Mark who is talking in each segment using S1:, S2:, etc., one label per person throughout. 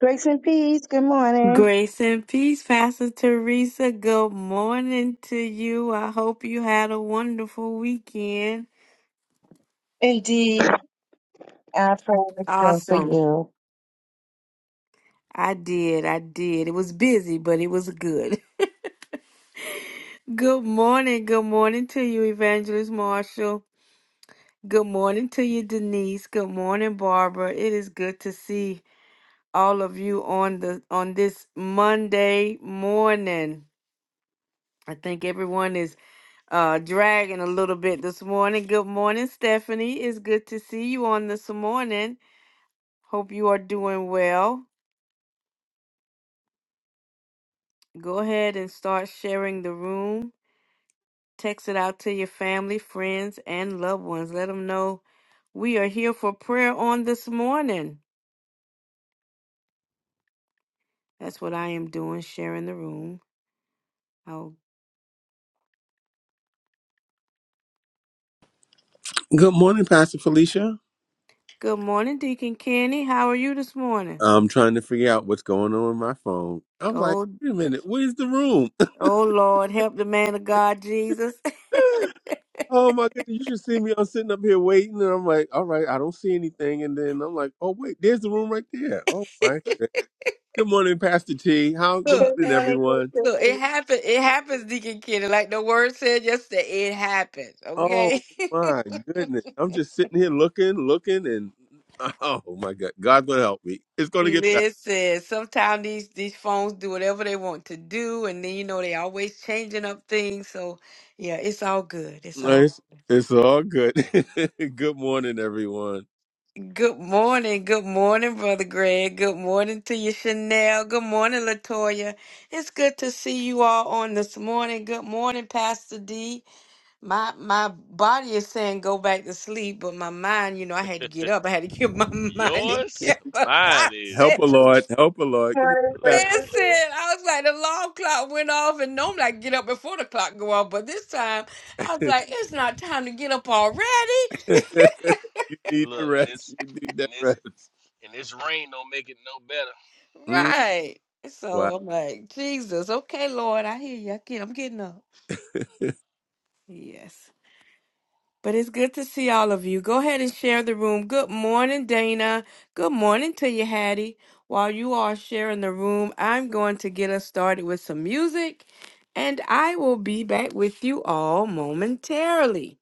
S1: Grace and peace. Good morning.
S2: Grace and peace, Pastor Teresa. Good morning to you. I hope you had a wonderful weekend.
S1: Indeed, I pray the prayer for
S2: Awesome.
S1: you.
S2: I did. I did. It was busy, but it was good. Good morning. Good morning to you, Evangelist Marshall. Good morning to you, Denise. Good morning, Barbara. It is good to see all of you on the on this Monday morning. I think everyone is uh dragging a little bit this morning. Good morning, Stephanie. It's good to see you on this morning. Hope you are doing well. Go ahead and start sharing the room. Text it out to your family, friends, and loved ones. Let them know we are here for prayer on this morning. That's what I am doing, sharing the room. Oh,
S3: Good morning, Pastor Felicia.
S2: good morning, Deacon Kenny. How are you this morning?
S3: I'm trying to figure out what's going on with my phone. I was like,
S2: Oh,
S3: wait a minute, where's the room?
S2: oh Lord, help the man of God, Jesus.
S3: oh my goodness, you should see me. I'm sitting up here waiting, and I'm like, all right, I don't see anything. And then I'm like, oh wait, there's the room right there. Oh my goodness. Good morning, Pastor T. How good
S1: Good
S3: morning,
S1: morning, Grace
S3: everyone.
S1: and
S2: Look, it
S1: peace.
S2: happens. It happens, Deacon Kenny. Like the word said yesterday, it happens.
S3: Oh
S2: Okay.
S3: my goodness. I'm just sitting here looking, looking, and oh my god, God's gonna help me. It's gonna get better.
S2: Listen, sometimes these these phones do whatever they want to do, and then you know they always changing up things. So yeah, it's all good. It's all
S3: It's, it's all good. good morning, everyone.
S2: good morning. Good morning, brother Greg. Good morning to you, Chanel. Good morning, Latoya. It's good to see you all on this morning. Good morning, Pastor D. My my body is saying go back to sleep, but my mind, you know, I had to get up. I had to get my mind
S4: Yours,
S2: together.
S4: mine
S2: I
S3: Help
S4: is
S2: said,
S3: a
S4: too.
S3: Lord. Help a Lord.
S1: Good
S3: Come on,
S1: morning, Grace
S3: Pastor.
S1: and peace.
S2: listen, I was like, the alarm clock went off, and normally I get up before the clock go off, but this time I was like, it's not time to get up already,
S3: you need the
S4: Look, and
S3: rest.
S4: this,
S3: You need that
S4: and this,
S3: rest.
S4: and this rain don't make it no better.
S3: Mm,
S2: right?
S3: wow.
S2: So I'm like, Jesus, okay, Lord, I hear you. I get, I'm getting up. Yes. But it's good to see all of you. Go ahead and share the room. Good morning, Dana. Good morning to you, Hattie. While you are sharing the room, I'm going to get us started with some music, and I will be back with you all momentarily.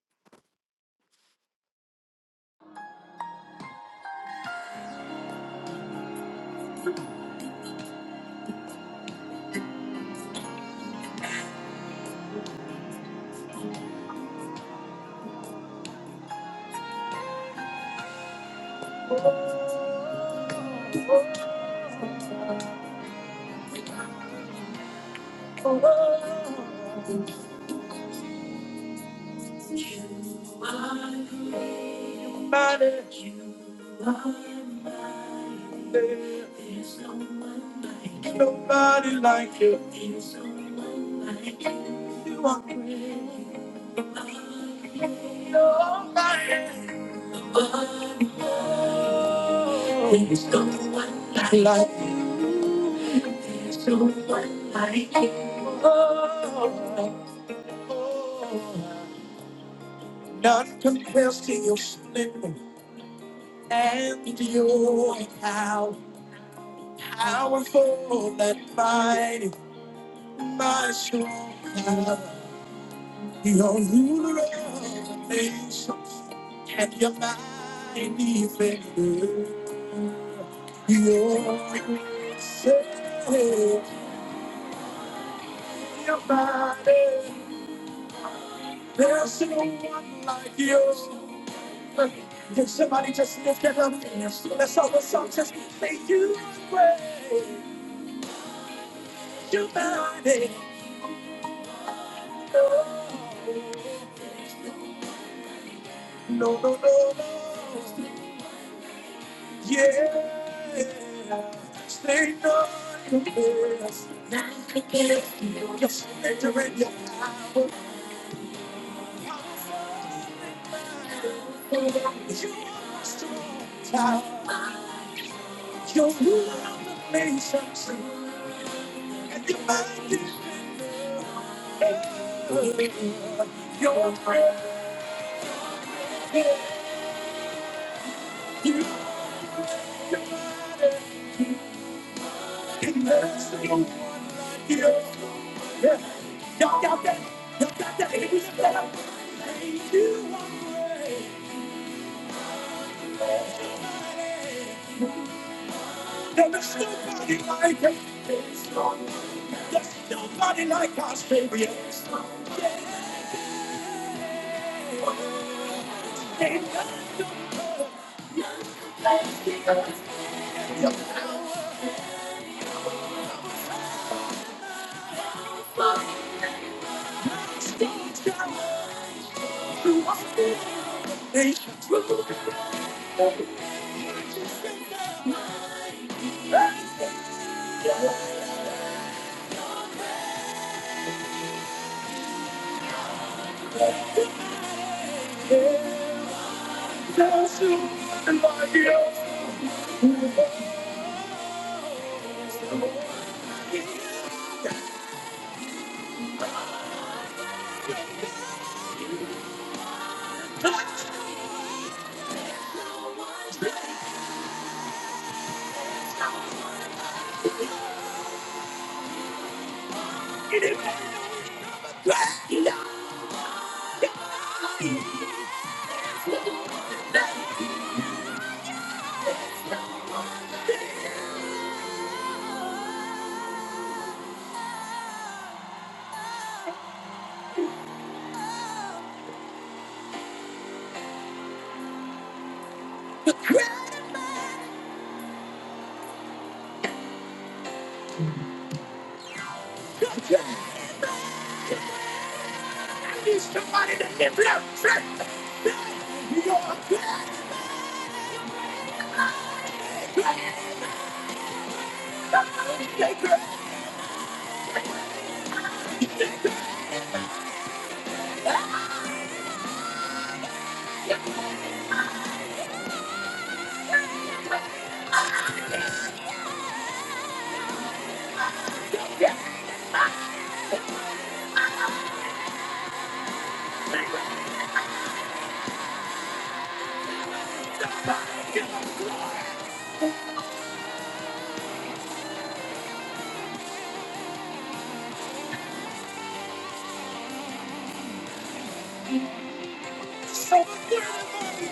S2: Nobody, there's nobody like you. Nobody. There's no one like you. There's no one like you. None compares to your splendor and your power. Powerful and mighty, my strong power. You're ruler of the nations and your mighty finger. You're yourself, your mighty. There's no one like you. Can somebody just lift it up? Let's all the song just say you pray, you mighty. No, no, no, no. Yeah. Stay no, you bless. Your splendor and your power. You are strong tower. You're ruler of the nations. You are my somebody. Ain't nobody like you. Yeah, y'all got that, y'all got that. Ain't nobody like you. You are my somebody. Ain't nobody like you. Ain't nobody like us, baby. Ain't nobody.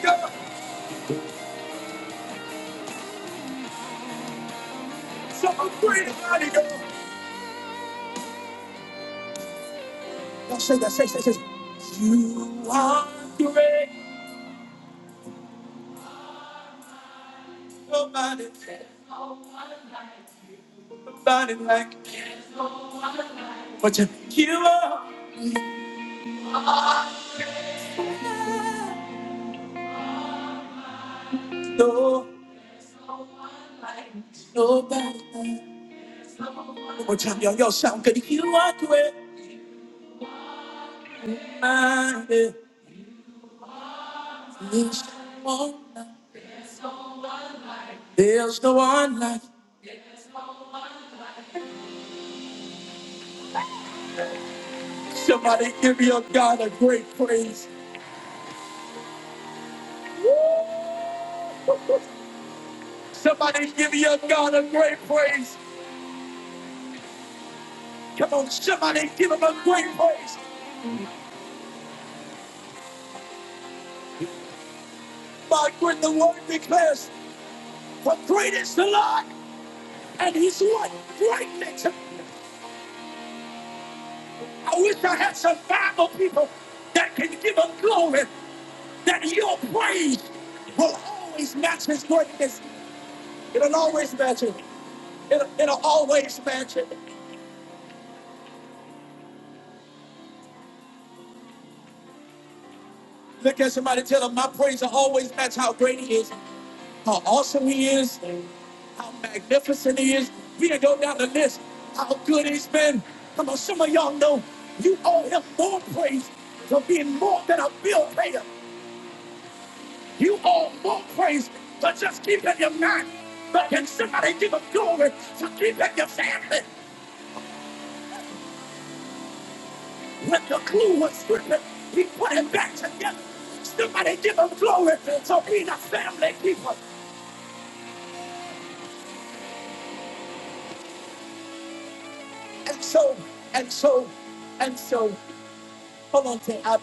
S2: Yep. So great, mighty God. Now say that, say, say, say. You are great. Nobody, nobody like you. But you, you are. No, nobody. One more time, y'all. Y'all sound good. You are great. Mighty. There's no one like There's no one like Somebody give your God a great praise. Somebody give your God a great praise. Come on, somebody give him a great praise. Mark when the word declares, the greatest is the Lord, and he's what? Greatness. I wish I had some Bible people that can give him glory, that your praise will always match his greatness. It'll always match it. It'll, it'll always match it. Look at somebody, tell them my praise will always match how great he is, how awesome he is, how magnificent he is. We can go down the list, how good he's been. Come on, some of y'all know you owe him more praise for being more than a bill payer. You owe more praise for just keeping your mind. But can somebody give him glory for keeping your family? When the clue was stripping, he put it back together. Somebody give him glory for being a family keeper. And so, and so, and so, hold on say, I,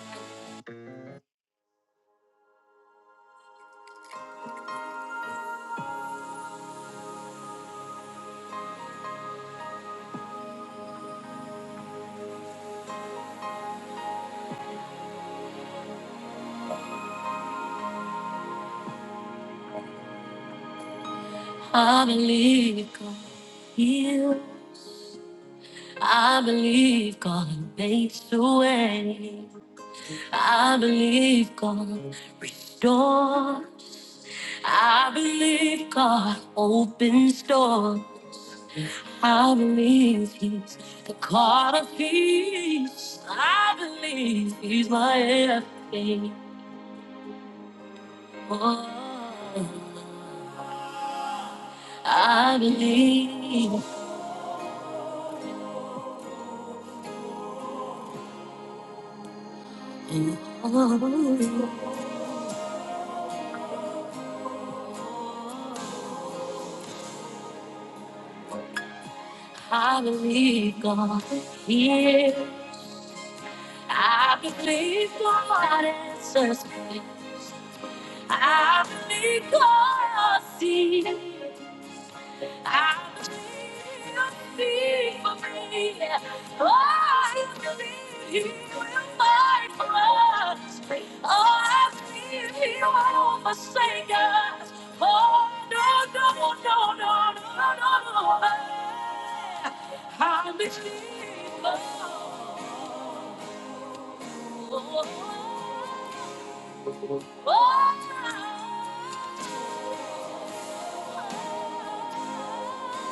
S2: I believe God healed. I believe God makes a way. I believe God restores. I believe God opens doors. I believe He's the God of peace. I believe He's my everything. I believe. I believe God. hears. I believe God answers me. I believe God sees.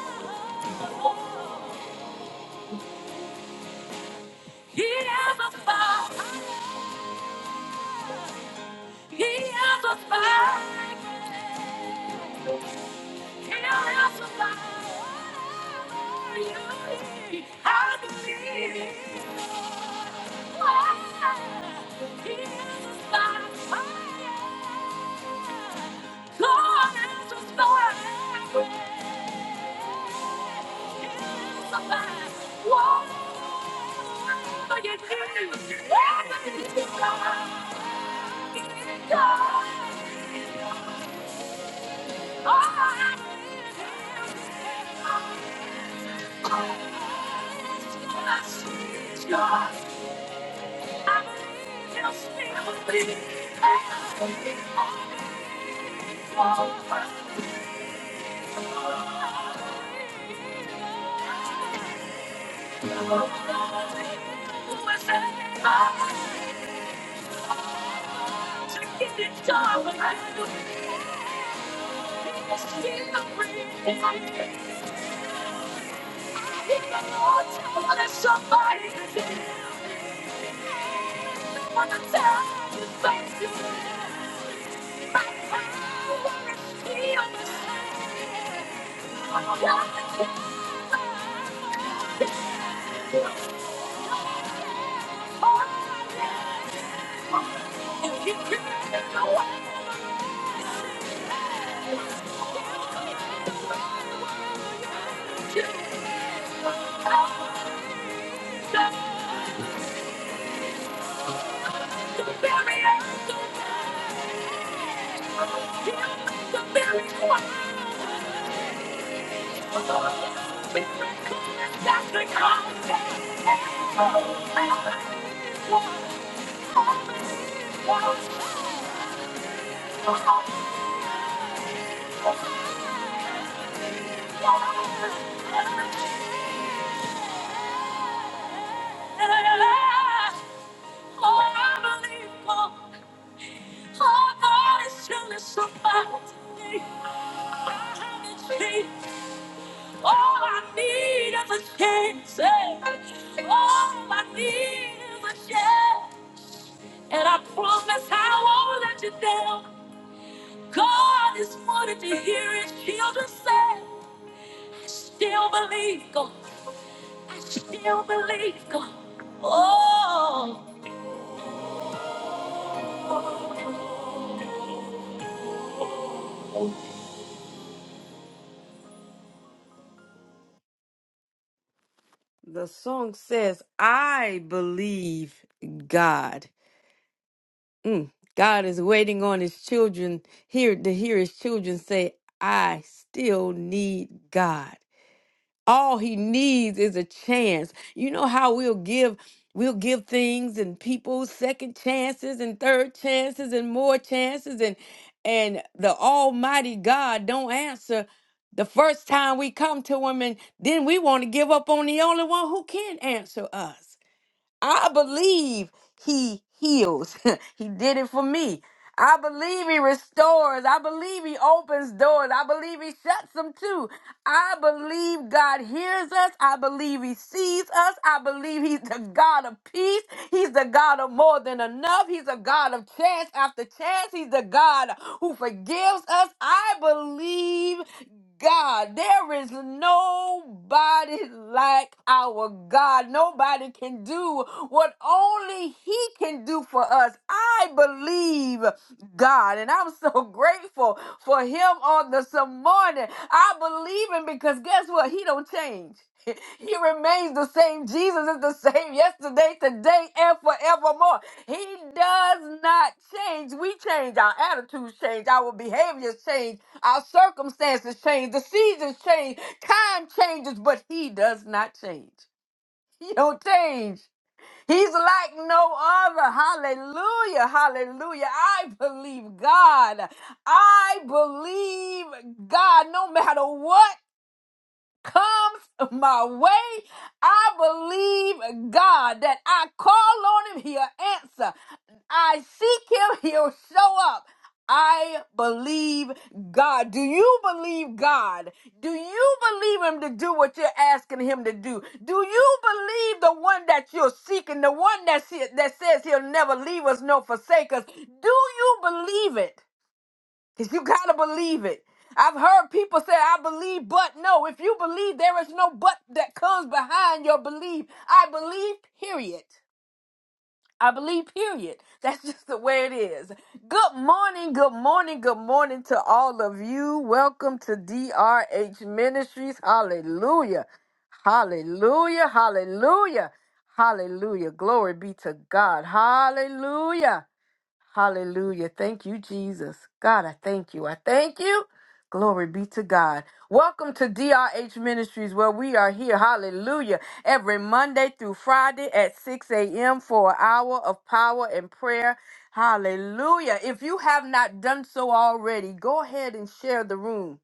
S2: Oh, He has a fire. He has a fire. He has a fire. I believe it. He has a fire. God has a fire. He has a fire. Whatever you do, whatever you do, God. Get it done, but I do. It's still wanna Somebody to want to tell you thank you. My power is here on the side. God is If he created the world to bury it, he'll make the very one. All I need is a chance. All I need is a chance. And I promise I won't let you down. God is wanted to hear his children say, I still believe God, I still believe God. Oh. The song says, I believe God. Mm. God is waiting on his children here to hear his children say, I still need God. All he needs is a chance. You know how we'll give we'll give things and people second chances and third chances and more chances and and the almighty God don't answer the first time we come to him and then we want to give up on the only one who can answer us. I believe he heals. he did it for me. I believe he restores. I believe he opens doors. I believe he shuts them too. I believe God hears us. I believe he sees us. I believe he's the God of peace. He's the God of more than enough. He's a God of chance after chance. He's the God who forgives us. I believe God. There is nobody like our God. Nobody can do what only He can do for us. I believe God, and I'm so grateful for Him on this morning. I believe Him because guess what? He don't change. He remains the same. Jesus is the same yesterday, today, and forevermore. He does not change. We change. Our attitudes change. Our behaviors change. Our circumstances change. The seasons change. Time changes, but He does not change. He don't change. He's like no other. Hallelujah. Hallelujah. I believe God. I believe God no matter what comes my way, I believe God that I call on him, he'll answer. I seek him, he'll show up. I believe God. Do you believe God? Do you believe him to do what you're asking him to do? Do you believe the one that you're seeking, the one that, that says he'll never leave us nor forsake us? Do you believe it? Because you got to believe it. I've heard people say, I believe, but no. If you believe, there is no but that comes behind your belief. I believe, period. I believe, period. That's just the way it is. Good morning, good morning, good morning to all of you. Welcome to DRH Ministries. Hallelujah. Hallelujah. Hallelujah. Hallelujah. Glory be to God. Hallelujah. Hallelujah. Thank you, Jesus. God, I thank you. I thank you. Glory be to God. Welcome to DRH Ministries, where we are here, hallelujah, every Monday through Friday at 6 a.m. for an hour of power and prayer. Hallelujah. If you have not done so already, go ahead and share the room.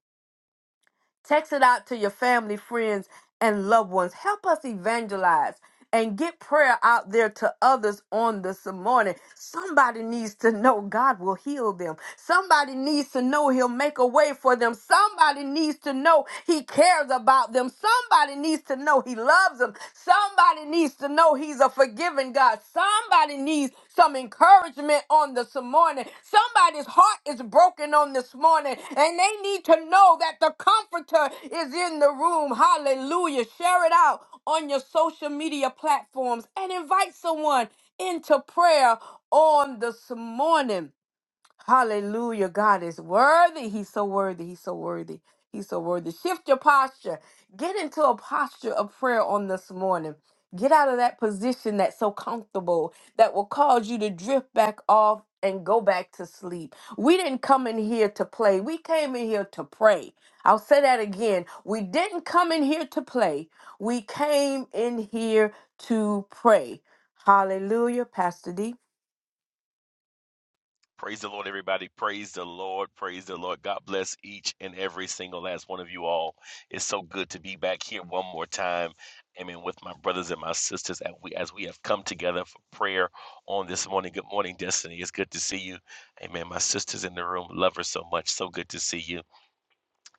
S2: Text it out to your family, friends, and loved ones. Help us evangelize and get prayer out there to others on this morning. Somebody needs to know God will heal them. Somebody needs to know He'll make a way for them. Somebody needs to know He cares about them. Somebody needs to know He loves them. Somebody needs to to know He's a forgiving God. Somebody needs some encouragement on this morning. Somebody's heart is broken on this morning, and they need to know that the Comforter is in the room. Hallelujah. Share it out on your social media platforms and invite someone into prayer on this morning. Hallelujah. God is worthy. He's so worthy. He's so worthy. He's so worthy. Shift your posture. Get into a posture of prayer on this morning. Get out of that position that's so comfortable that will cause you to drift back off and go back to sleep. We didn't come in here to play. We came in here to pray. I'll say that again. We didn't come in here to play. We came in here to pray. Hallelujah, Pastor D.
S4: Praise the Lord, everybody. Praise the Lord. Praise the Lord. God bless each and every single last one of you all. It's so good to be back here one more time. I mean, with my brothers and my sisters, as we as we have come together for prayer on this morning. Good morning, Destiny. It's good to see you. Amen. My sisters in the room, love her so much. So good to see you.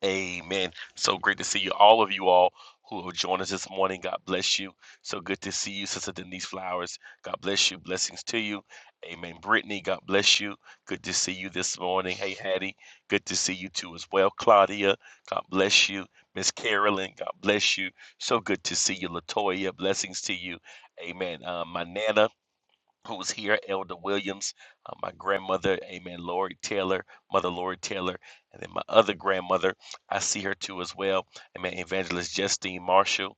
S4: Amen. So great to see you, all of you all who have joined us this morning. God bless you. So good to see you, Sister Denise Flowers. God bless you. Blessings to you. Amen. Brittany, God bless you. Good to see you this morning. Hey, Hattie, good to see you too as well. Claudia, God bless you. Miss Carolyn, God bless you. So good to see you. Latoya, blessings to you. Amen. Uh, my Nana, who was here, Elder Williams, uh, my grandmother, Amen, Lori Taylor, Mother Lori Taylor, and then my other grandmother, I see her too as well, Amen, Evangelist Justine Marshall,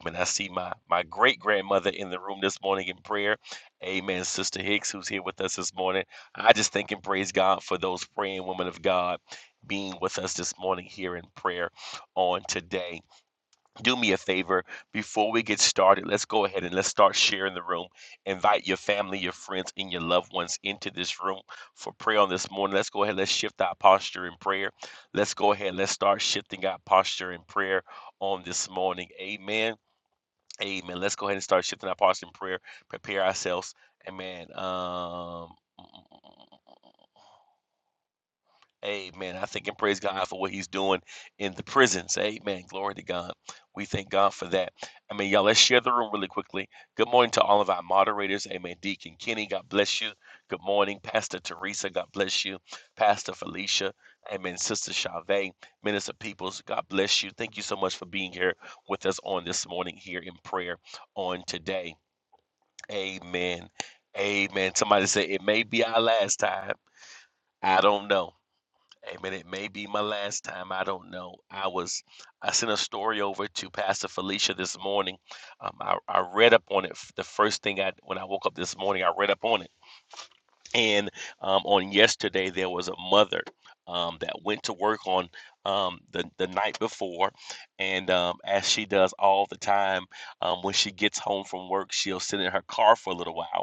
S4: Amen. I see my my great grandmother in the room this morning in prayer, Amen. Sister Hicks, who's here with us this morning, I just thank and praise God for those praying women of God being with us this morning here in prayer on today do me a favor before we get started let's go ahead and let's start sharing the room invite your family your friends and your loved ones into this room for prayer on this morning let's go ahead let's shift our posture in prayer let's go ahead let's start shifting our posture in prayer on this morning amen amen let's go ahead and start shifting our posture in prayer prepare ourselves amen um mm, mm, mm, mm. Amen. I thank and praise God for what He's doing in the prisons. Amen. Glory to God. We thank God for that. I mean, y'all, let's share the room really quickly. Good morning to all of our moderators. Amen. Deacon Kenny, God bless you. Good morning, Pastor Teresa. God bless you. Pastor Felicia. Amen. Sister Chavez, Minister Peoples. God bless you. Thank you so much for being here with us on this morning here in prayer on today. Amen. Amen. Somebody say it may be our last time. I don't know. Amen. It may be my last time. I don't know. I was, I sent a story over to Pastor Felicia this morning. Um, I, I read up on it. f- The first thing I, when I woke up this morning, I read up on it. And um, on yesterday, there was a mother um, that went to work on um, the, the night before. And um, as she does all the time, um, when she gets home from work, she'll sit in her car for a little while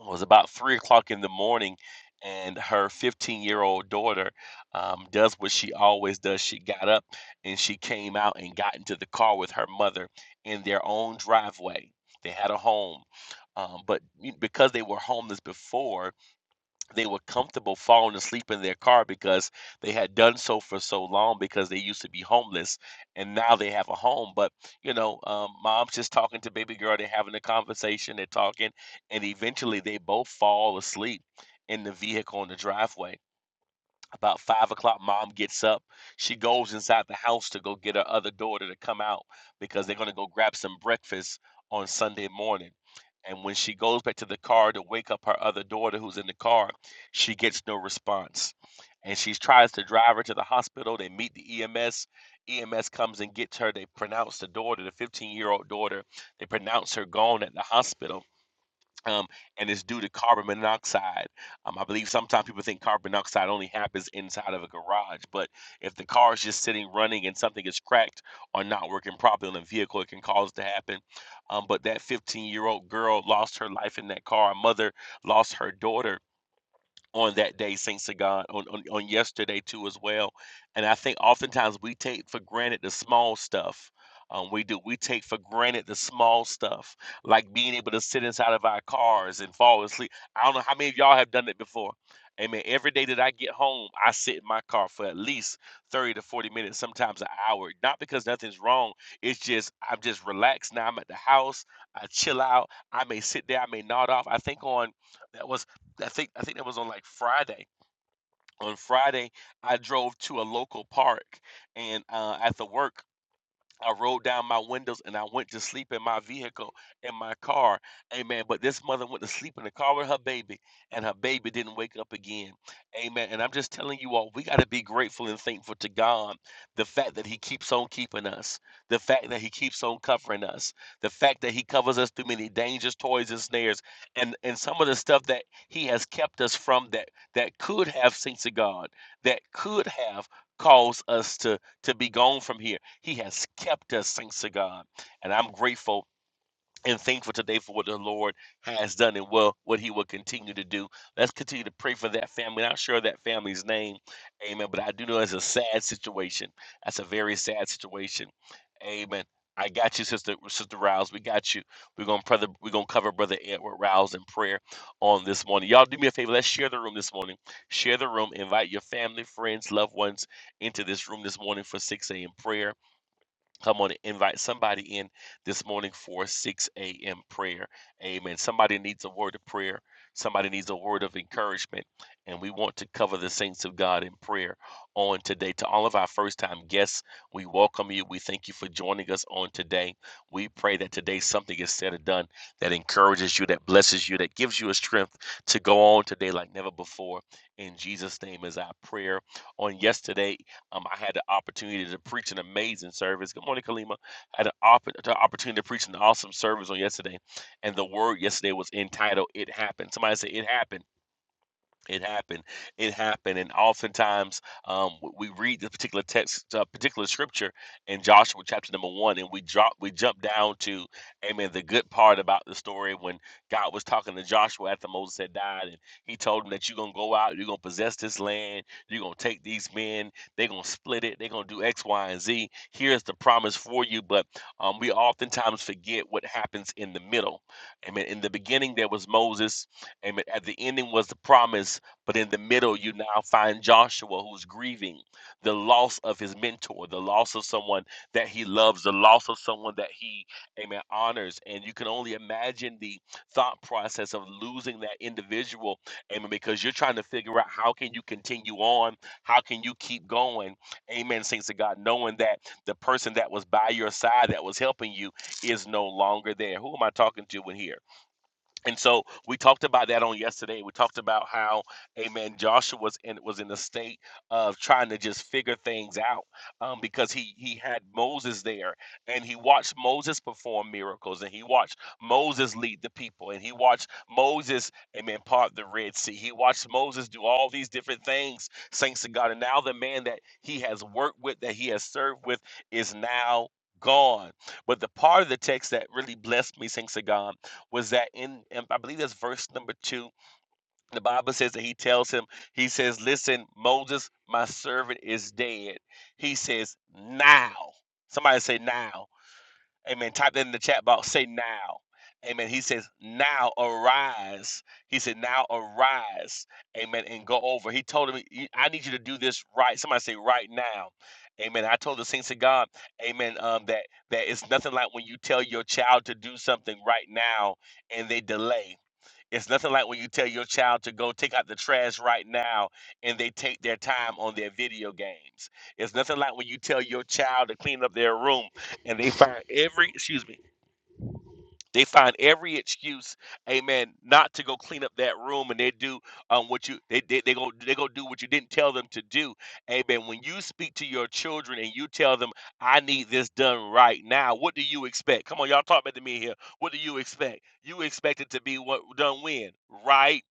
S4: it was about three o'clock in the morning and her 15 year old daughter um, does what she always does she got up and she came out and got into the car with her mother in their own driveway they had a home um, but because they were homeless before they were comfortable falling asleep in their car because they had done so for so long because they used to be homeless and now they have a home but you know um, mom's just talking to baby girl they're having a conversation they're talking and eventually they both fall asleep in the vehicle in the driveway about five o'clock, mom gets up. She goes inside the house to go get her other daughter to come out because they're going to go grab some breakfast on Sunday morning. And when she goes back to the car to wake up her other daughter who's in the car, she gets no response. And she tries to drive her to the hospital. They meet the EMS. EMS comes and gets her. They pronounce the daughter, the 15 year old daughter, they pronounce her gone at the hospital um, and it's due to carbon monoxide. Um, I believe sometimes people think carbon monoxide only happens inside of a garage, but if the car is just sitting running and something is cracked or not working properly on the vehicle, it can cause it to happen. Um, but that 15 year old girl lost her life in that car. Her mother lost her daughter on that day, thanks to God, on, on, on yesterday too as well. And I think oftentimes we take for granted the small stuff. Um, we do. We take for granted the small stuff, like being able to sit inside of our cars and fall asleep. I don't know how many of y'all have done it before. Amen. Every day that I get home, I sit in my car for at least 30 to 40 minutes, sometimes an hour. Not because nothing's wrong. It's just, I'm just relaxed now. I'm at the house. I chill out. I may sit there. I may nod off. I think on, that was I think I think that was on like Friday. On Friday, I drove to a local park, and uh, at the work, I rolled down my windows and I went to sleep in my vehicle, in my car. Amen. But this mother went to sleep in the car with her baby, and her baby didn't wake up again. Amen. And I'm just telling you all, we got to be grateful and thankful to God. The fact that He keeps on keeping us, the fact that He keeps on covering us, the fact that He covers us through many dangers, toys, and snares, and, and some of the stuff that He has kept us from that that could have, saints of God, that could have caused us to, to be gone from here he has kept us, thanks to God. And I'm grateful and thankful today for what the Lord has done and will, what He will continue to do. Let's continue to pray for that family. I'm Not sure that family's name. Amen. But I do know it's a sad situation. That's a very sad situation. Amen. I got you, Sister Sister Rouse. We got you. We're gonna brother, we're gonna cover Brother Edward Rouse in prayer on this morning. Y'all do me a favor, let's share the room this morning. Share the room, invite your family, friends, loved ones into this room this morning for 6 a.m. prayer. Come on, invite somebody in this morning for 6 a.m. prayer. Amen. Somebody needs a word of prayer. Somebody needs a word of encouragement. And we want to cover the saints of God in prayer on today. To all of our first time guests, we welcome you. We thank you for joining us on today. We pray that today something is said or done that encourages you, that blesses you, that gives you a strength to go on today like never before. In Jesus' name is our prayer. On yesterday, um, I had the opportunity to preach an amazing service. Good morning, Kalima. I had an opp- the opportunity to preach an awesome service on yesterday, and the word yesterday was entitled "It Happened." Somebody said, "It Happened." It happened. It happened. And oftentimes, um, w- we read this particular text, uh, particular scripture in Joshua chapter number one, and we drop, we jump down to, amen, the good part about the story when God was talking to Joshua after Moses had died, and he told him that you're going to go out, you're going to possess this land, you're going to take these men, they're going to split it, they're going to do X, Y, and Z. Here's the promise for you. But um, we oftentimes forget what happens in the middle. Amen. In the beginning, there was Moses. Amen. At the ending was the promise but in the middle, you now find Joshua who's grieving the loss of his mentor, the loss of someone that he loves, the loss of someone that he, amen, honors. And you can only imagine the thought process of losing that individual, amen, because you're trying to figure out how can you continue on? How can you keep going? Amen, saints of God, knowing that the person that was by your side that was helping you is no longer there. Who am I talking to in here? and so we talked about that on yesterday. We talked about how, Amen. Joshua was in was in a state of trying to just figure things out um, because he he had Moses there, and he watched Moses perform miracles, and he watched Moses lead the people, and he watched Moses, Amen, part the Red Sea. He watched Moses do all these different things, thanks to God. And now the man that he has worked with, that he has served with, is now gone. But the part of the text that really blessed me, thanks to God was that in, in I believe that's verse number two. The Bible says that he tells him, he says, Listen, Moses, my servant is dead. He says, Now. Somebody say now. Amen. Type that in the chat box. Say now. Amen. He says, now arise. He said, now arise. Amen. And go over. He told him, "You- I need you to do this right. Somebody say right now. Amen. I told the saints of God, Amen, um, that that it's nothing like when you tell your child to do something right now and they delay. It's nothing like when you tell your child to go take out the trash right now and they take their time on their video games. It's nothing like when you tell your child to clean up their room and they find every, excuse me, they find every excuse, amen, not to go clean up that room and they do um, what you, they, they, they go, they go do what you didn't tell them to do. Amen. When you speak to your children and you tell them, I need this done right now, what do you expect? Come on, y'all talk back to me here. What do you expect? You expect it to be what done when? Right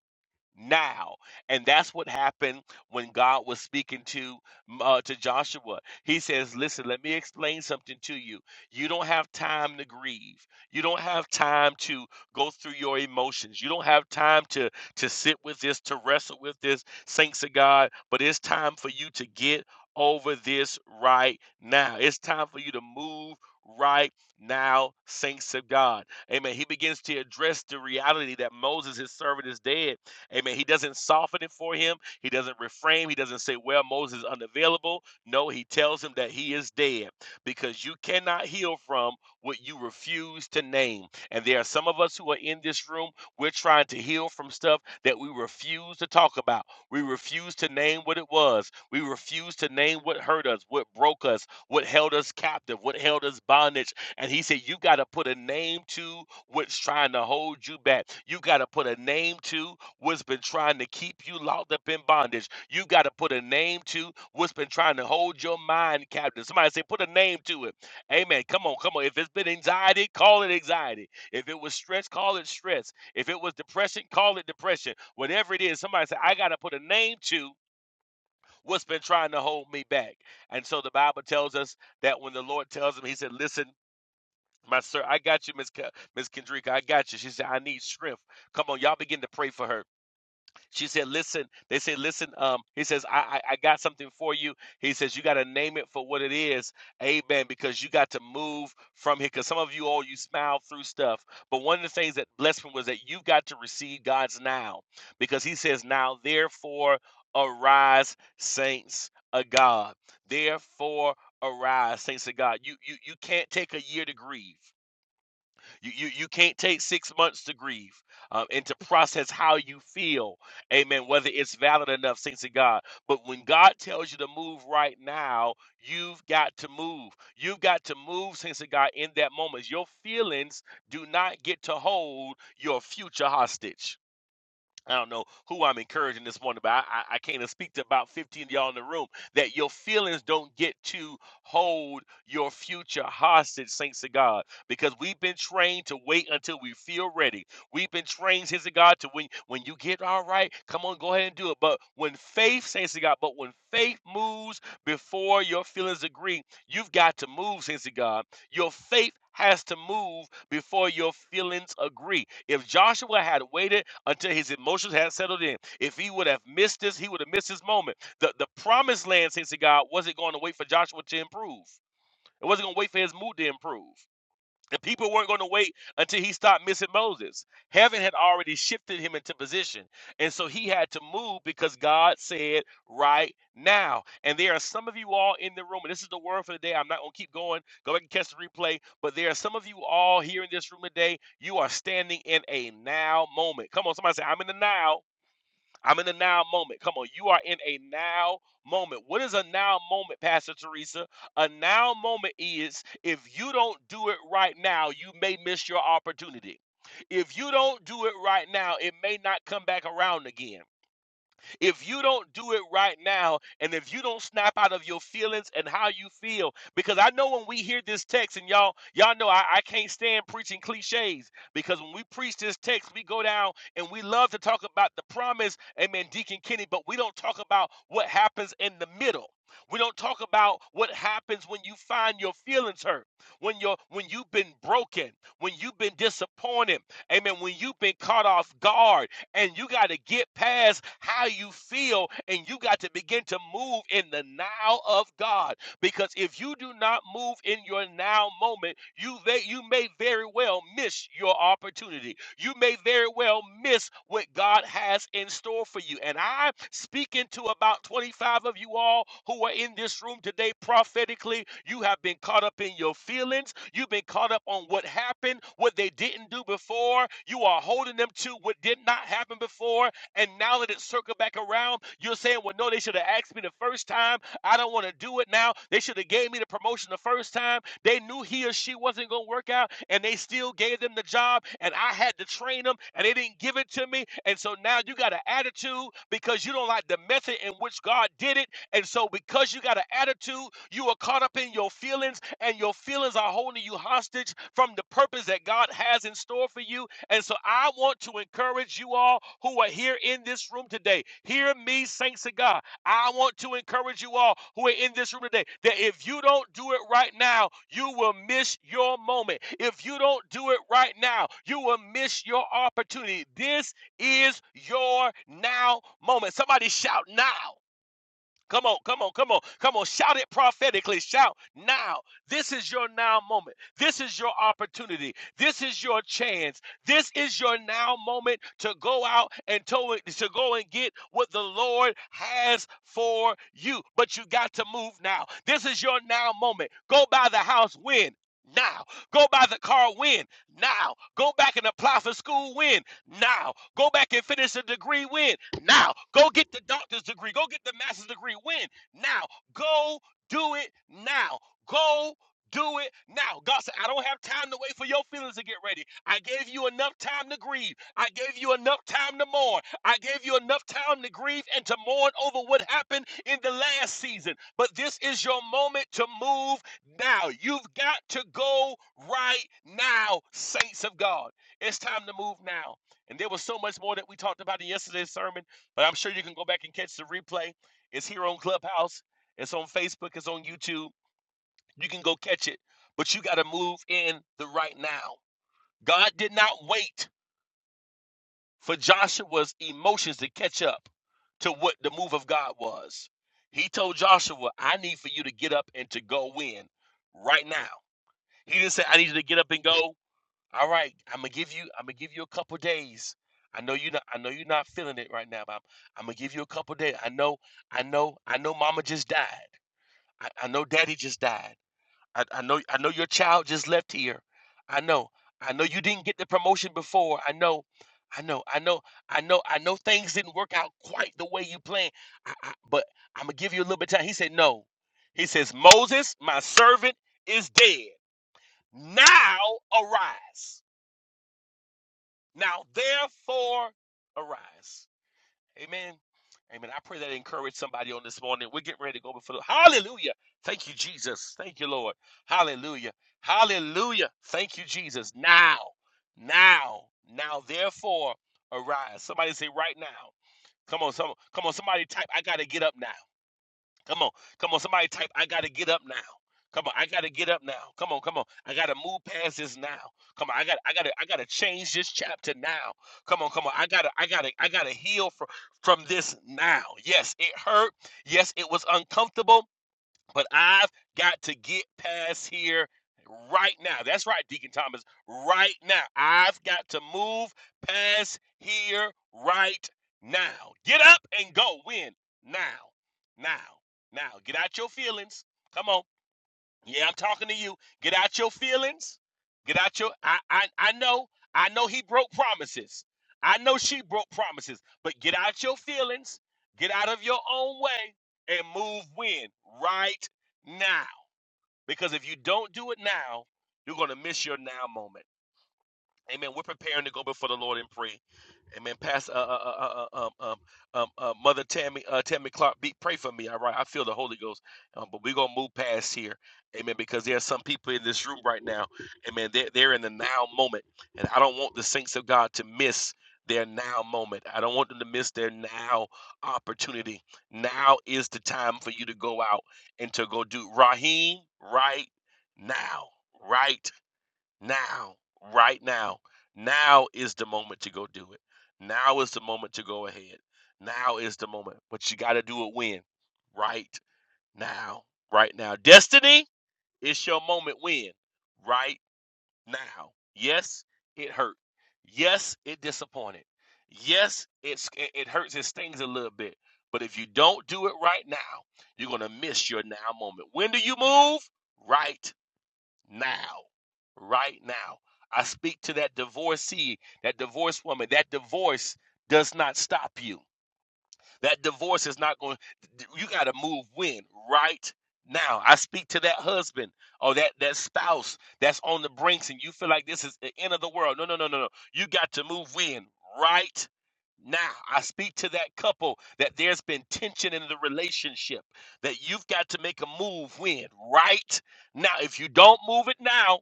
S4: now and that's what happened when god was speaking to uh, to joshua he says listen let me explain something to you you don't have time to grieve you don't have time to go through your emotions you don't have time to to sit with this to wrestle with this saints of god but it's time for you to get over this right now it's time for you to move right now saints of god amen he begins to address the reality that moses his servant is dead Amen. He doesn't soften it for him. He doesn't reframe. He doesn't say, Well, Moses is unavailable. No, he tells him that he is dead because you cannot heal from what you refuse to name. And there are some of us who are in this room, we're trying to heal from stuff that we refuse to talk about. We refuse to name what it was. We refuse to name what hurt us, what broke us, what held us captive, what held us bondage. And he said, You got to put a name to what's trying to hold you back. You got to put a name to what's been trying to keep you locked up in bondage. You got to put a name to what's been trying to hold your mind captive. Somebody say, put a name to it. Amen. Come on, come on. If it's been anxiety, call it anxiety. If it was stress, call it stress. If it was depression, call it depression. Whatever it is, somebody say, I got to put a name to what's been trying to hold me back. And so the Bible tells us that when the Lord tells him, he said, listen, my sir, I got you, Miss Ke- Miss Kendrika. I got you. She said, I need strength. Come on, y'all begin to pray for her. She said, "Listen." They said, "Listen." Um, he says, I, "I I got something for you." He says, "You got to name it for what it is." Amen. Because you got to move from here. Because some of you all you smile through stuff, but one of the things that blessed me was that you've got to receive God's now, because He says, "Now therefore arise, saints of God." Therefore arise, saints of God. You you you can't take a year to grieve. You, you you can't take six months to grieve um, and to process how you feel, amen, whether it's valid enough, saints of God. But when God tells you to move right now, you've got to move. You've got to move, saints of God, in that moment. Your feelings do not get to hold your future hostage. I don't know who I'm encouraging this morning, but I, I, I came to speak to about 15 of y'all in the room that your feelings don't get to hold your future hostage, saints of God, because we've been trained to wait until we feel ready. We've been trained, saints of God, to when, when you get all right, come on, go ahead and do it. But when faith, saints of God, but when faith moves before your feelings agree, you've got to move, saints of God. Your faith has to move before your feelings agree. If Joshua had waited until his emotions had settled in, if he would have missed this, he would have missed his moment. The, the promised land, saints of God, wasn't going to wait for Joshua to improve. It wasn't going to wait for his mood to improve. The people weren't going to wait until he stopped missing Moses. Heaven had already shifted him into position. And so he had to move because God said, right now. And there are some of you all in the room, and this is the word for the day. I'm not going to keep going. Go back and catch the replay. But there are some of you all here in this room today. You are standing in a now moment. Come on, somebody say, I'm in the now. I'm in a now moment. Come on, you are in a now moment. What is a now moment, Pastor Teresa? A now moment is if you don't do it right now, you may miss your opportunity. If you don't do it right now, it may not come back around again. If you don't do it right now, and if you don't snap out of your feelings and how you feel, because I know when we hear this text, and y'all, y'all know I, I can't stand preaching cliches, because when we preach this text, we go down and we love to talk about the promise, amen, Deacon Kenny, but we don't talk about what happens in the middle. We don't talk about what happens when you find your feelings hurt, when you're when you've been broken, when you've been disappointed, amen, when you've been caught off guard and you got to get past how you feel and you got to begin to move in the now of God. Because if you do not move in your now moment, you they, you may very well miss your opportunity. You may very well miss what God has in store for you. And I'm speaking to about 25 of you all who are in this room today prophetically. You have been caught up in your feelings. You've been caught up on what happened, what they didn't do before. You are holding them to what did not happen before. And now that it's circled back around, you're saying, well, no, they should have asked me the first time. I don't want to do it now. They should have gave me the promotion the first time. They knew he or she wasn't going to work out, and they still gave them the job, and I had to train them, and they didn't give it to me. And so now you got an attitude because you don't like the method in which God did it. And so because you got an attitude, you are caught up in your feelings, and your feelings are holding you hostage from the purpose that God has in store for you. And so I want to encourage you all who are here in this room today. Hear me, saints of God. I want to encourage you all who are in this room today that if you don't do it right now, you will miss your moment. If you don't do it right now, you will miss your opportunity. This is your now moment. Somebody shout now. Come on, come on, come on, come on. Shout it prophetically. Shout now. This is your now moment. This is your opportunity. This is your chance. This is your now moment to go out and to, to go and get what the Lord has for you. But you got to move now. This is your now moment. Go by the house when? Now. Go buy the car when? Now. Go back and apply for school when? now. Go back and finish a degree Win. now. Go get the doctor's degree. Go get the master's degree Win. now. Go do it now. Go do it now. God said, I don't have time to wait for your feelings to get ready. I gave you enough time to grieve. I gave you enough time to mourn. I gave you enough time to grieve and to mourn over what happened in the last season. But this is your moment to move now. You've got to go right now, saints of God. It's time to move now. And there was so much more that we talked about in yesterday's sermon, but I'm sure you can go back and catch the replay. It's here on Clubhouse, it's on Facebook, it's on YouTube. You can go catch it, but you got to move in the right now. God did not wait for Joshua's emotions to catch up to what the move of God was. He told Joshua, I need for you to get up and to go in right now. He didn't say, I need you to get up and go. All right, I'm gonna give you. I'm gonna give you a couple days. I know you're not. I know you're not feeling it right now, but I'm, I'm gonna give you a couple days. I know. I know. I know. Mama just died. I, I know. Daddy just died. I, I know. I know your child just left here. I know. I know you didn't get the promotion before. I know. I know. I know. I know. I know things didn't work out quite the way you planned. I, I, but I'm gonna give you a little bit of time. He said no. He says Moses, my servant, is dead. Now arise. Now, therefore, arise. Amen. Amen. I pray that encourage somebody on this morning. We're getting ready to go before the Hallelujah. Thank you, Jesus. Thank you, Lord. Hallelujah. Hallelujah. Thank you, Jesus. Now, now, now, therefore, arise. Somebody say right now. Come on, some, come on, somebody type, I gotta get up now. Come on. Come on. Somebody type, I got to get up now. Come on, I gotta get up now. Come on, come on. I gotta move past this now. Come on, I gotta, I gotta, I gotta change this chapter now. Come on, come on. I gotta, I gotta, I gotta heal from from this now. Yes, it hurt. Yes, it was uncomfortable. But I've got to get past here right now. That's right, Deacon Thomas. Right now. I've got to move past here right now. Get up and go. Win now. Now. Now. Get out your feelings. Come on. Yeah, I'm talking to you. Get out your feelings. Get out your I I I know. I know he broke promises. I know she broke promises. But get out your feelings. Get out of your own way and move when right now. Because if you don't do it now, you're going to miss your now moment. Amen. We're preparing to go before the Lord in praise. Amen. Pastor, uh, uh, uh, uh, uh, um, um, um, uh, Mother Tammy, uh, Tammy Clark, be, pray for me. All right, I feel the Holy Ghost. Um, but we're gonna move past here, Amen. Because there are some people in this room right now, Amen. They're they're in the now moment, and I don't want the saints of God to miss their now moment. I don't want them to miss their now opportunity. Now is the time for you to go out and to go do Raheem right now, right now, right now. Now is the moment to go do it. Now is the moment to go ahead. Now is the moment. But you got to do it when? Right now. Right now. Destiny, it's your moment when? Right now. Yes, it hurt. Yes, it disappointed. Yes, it's it, it hurts, it stings a little bit. But if you don't do it right now, you're going to miss your now moment. When do you move? Right now, right now. I speak to that divorcee, that divorced woman. That divorce does not stop you. That divorce is not going. You got to move when right now. I speak to that husband or that that spouse that's on the brinks, and you feel like this is the end of the world. No, no, no, no, no. You got to move when right now. I speak to that couple that there's been tension in the relationship that you've got to make a move when right now. If you don't move it now.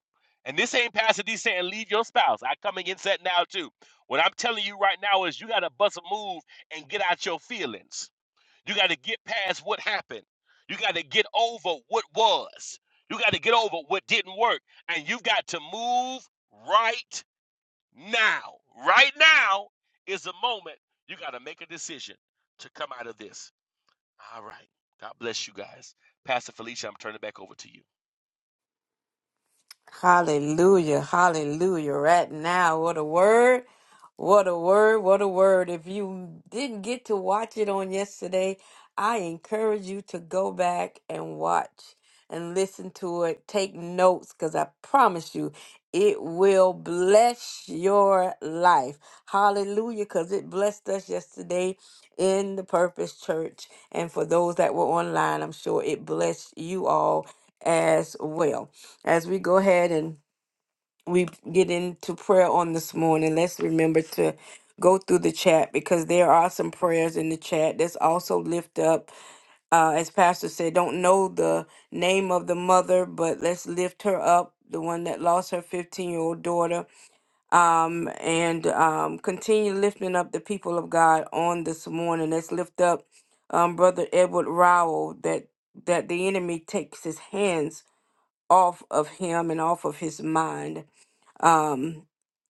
S4: And this ain't Pastor D saying leave your spouse. I come against that now too. What I'm telling you right now is you got to bust a move and get out your feelings. You got to get past what happened. You got to get over what was. You got to get over what didn't work. And you've got to move right now. Right now is the moment you got to make a decision to come out of this. All right. God bless you guys. Pastor Felicia, I'm turning it back over to you.
S2: Hallelujah. Hallelujah. Right now, what a word. What a word, what a word. If you didn't get to watch it on yesterday, I encourage you to go back and watch and listen to it. Take notes because I promise you it will bless your life. Hallelujah, because it blessed us yesterday in the Purpose Church. And for those that were online, I'm sure it blessed you all as well. As we go ahead and we get into prayer on this morning, let's remember to go through the chat because there are some prayers in the chat. Let's also lift up, uh, as Pastor said, don't know the name of the mother, but let's lift her up, the one that lost her 15 year old daughter, um, and um, continue lifting up the people of God on this morning. Let's lift up um, Brother Edward Rowell that, that the enemy takes his hands off of him and off of his mind. Um,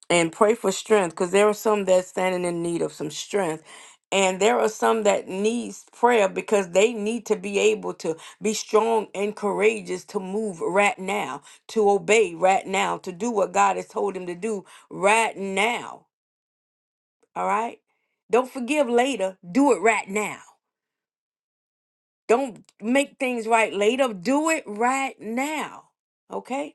S2: and pray for strength because there are some that's standing in need of some strength and there are some that needs prayer because they need to be able to be strong and courageous to move right now to obey right now to do what god has told him to do right now all right don't forgive later do it right now don't make things right later do it right now okay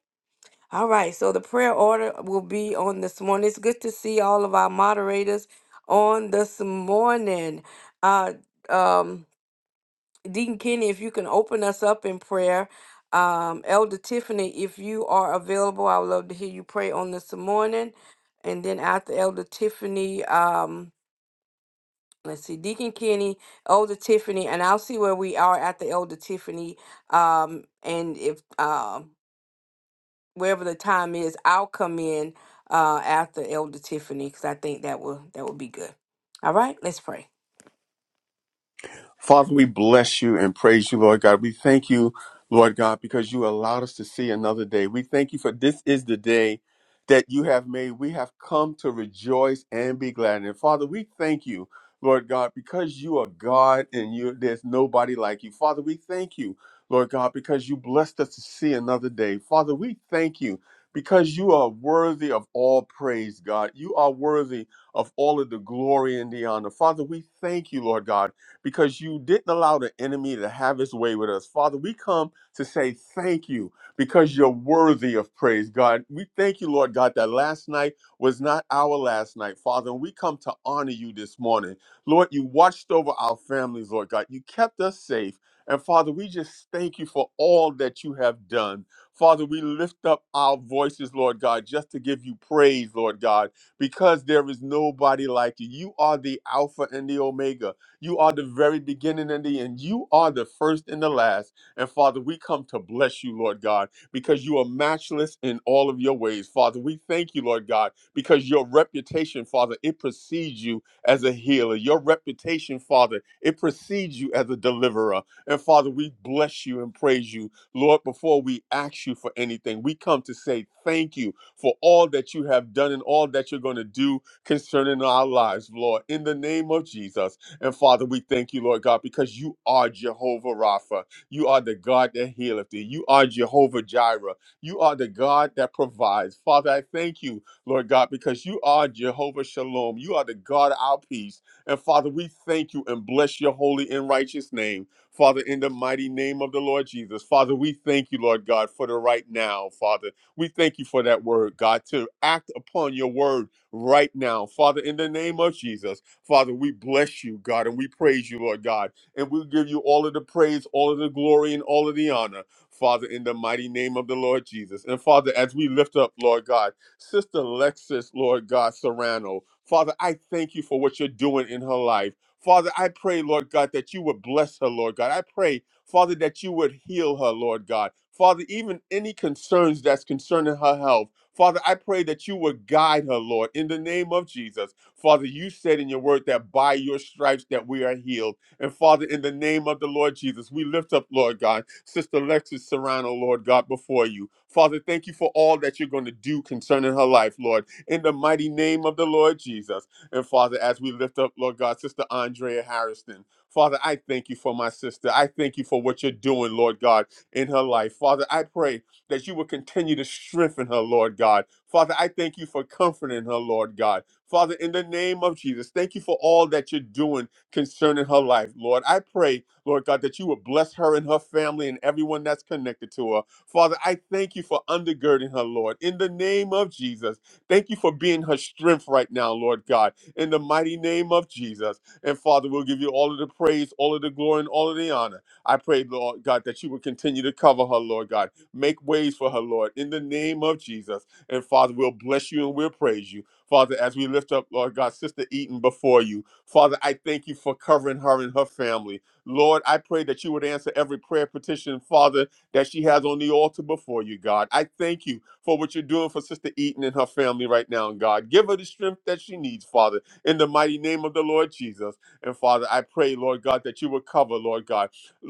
S2: All right, so the prayer order will be on this morning. It's good to see all of our moderators on this morning. Uh, um, Deacon Kenny, if you can open us up in prayer. Um, Elder Tiffany, if you are available, I would love to hear you pray on this morning. And then after Elder Tiffany, um, let's see, Deacon Kenny, Elder Tiffany, and I'll see where we are at the Elder Tiffany. Um, and if um wherever the time is, I'll come in uh, after Elder Tiffany because I think that will that will be good. All right, let's pray.
S3: Father, we bless you and praise you, Lord God. We thank you, Lord God, because you allowed us to see another day. We thank you for this is the day that you have made. We have come to rejoice and be glad. And Father, we thank you, Lord God, because you are God and you there's nobody like you. Father, we thank you, Lord God, because you blessed us to see another day. Father, we thank you because you are worthy of all praise, God. You are worthy of all of the glory and the honor. Father, we thank you, Lord God because you didn't allow the enemy to have his way with us. Father, we come to say thank you because you're worthy of praise, God. We thank you, Lord God, that last night was not our last night, Father. And we come to honor you this morning. Lord, you watched over our families, Lord God. You kept us safe. And Father, we just thank you for all that you have done. Father, we lift up our voices, Lord God, just to give you praise, Lord God, because there is nobody like you. You are the Alpha and the Omega. You are the very beginning and the end. You are the first and the last. And Father, we come to bless you, Lord God, because you are matchless in all of your ways. Father, we thank you, Lord God, because your reputation, Father, it precedes you as a healer. Your reputation, Father, it precedes you as a deliverer. And Father, we bless you and praise you. Lord, before we ask you for anything, we come to say thank you for all that you have done and all that you're going to do concerning our lives, Lord. In the name of Jesus. And Father, we thank you, Lord God, because you are Jehovah Rapha. You are the God that healeth thee. You are Jehovah Jireh. You are the God that provides. Father, I thank you, Lord God, because you are Jehovah Shalom. You are the God of our peace. And Father, we thank you and bless your holy and righteous name. Father, in the mighty name of the Lord Jesus. Father, we thank you, Lord God, for the right now, Father. We thank you for that word, God, to act upon your word right now. Father, in the name of Jesus. Father, we bless you, God, and we praise you, Lord God. And we give you all of the praise, all of the glory, and all of the honor, Father, in the mighty name of the Lord Jesus. And Father, as we lift up, Lord God, Sister Lexis, Lord God, Serrano, Father, I thank you for what you're doing in her life. Father, I pray, Lord God, that you would bless her, Lord God. I pray, Father, that you would heal her, Lord God. Father, even any concerns that's concerning her health, Father, I pray that you would guide her, Lord, in the name of Jesus. Father, you said in your word that by your stripes that we are healed. And Father, in the name of the Lord Jesus, we lift up, Lord God, Sister Alexis Serrano, Lord God, before you. Father, thank you for all that you're going to do concerning her life, Lord, in the mighty name of the Lord Jesus. And Father, as we lift up, Lord God, Sister Andrea Harrison, Father, I thank you for my sister. I thank you for what you're doing, Lord God, in her life. Father, I pray that you will continue to strengthen her, Lord God. Father, I thank you for comforting her, Lord God. Father, in the name of Jesus, thank you for all that you're doing concerning her life, Lord. I pray, Lord God, that you would bless her and her family and everyone that's connected to her. Father, I thank you for undergirding her, Lord. In the name of Jesus, thank you for being her strength right now, Lord God. In the mighty name of Jesus. And Father, we'll give you all of the praise, all of the glory, and all of the honor. I pray, Lord God, that you would continue to cover her, Lord God. Make ways for her, Lord, in the name of Jesus. And Father, we'll bless you and we'll praise you. Father, as we lift up, Lord God, Sister Eaton before you. Father, I thank you for covering her and her family. Lord, I pray that you would answer every prayer petition, Father, that she has on the altar before you, God. I thank you for what you're doing for Sister Eaton and her family right now, God. Give her the strength that she needs, Father, in the mighty name of the Lord Jesus. And Father, I pray, Lord God, that you would cover, Lord God.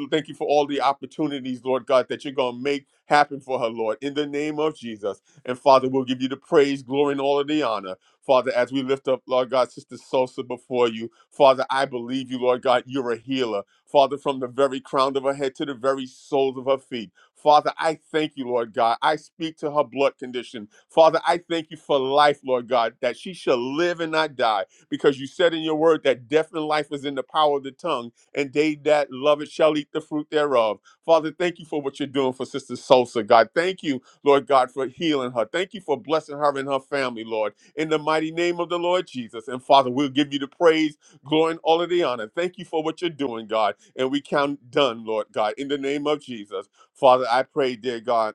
S3: Thank you for all the opportunities, Lord God, that you're going to make happen for her, Lord, in the name of Jesus. And Father, we'll give you the praise, glory, and all of the honor. Father, as we lift up, Lord God, Sister Sosa before you, Father, I believe you, Lord God, you're a healer. Father, from the very crown of her head to the very soles of her feet. Father, I thank you, Lord God. I speak to her blood condition. Father, I thank you for life, Lord God, that she shall live and not die, because you said in your word that death and life is in the power of the tongue, and they that love it shall eat the fruit thereof. Father, thank you for what you're doing for Sister Sosa, God. Thank you, Lord God, for healing her. Thank you for blessing her and her family, Lord in the mighty name of the Lord Jesus. And Father, we'll give you the praise, glory, and all of the honor. Thank you for what you're doing, God. And we count done, Lord God, in the name of Jesus. Father, I pray, dear God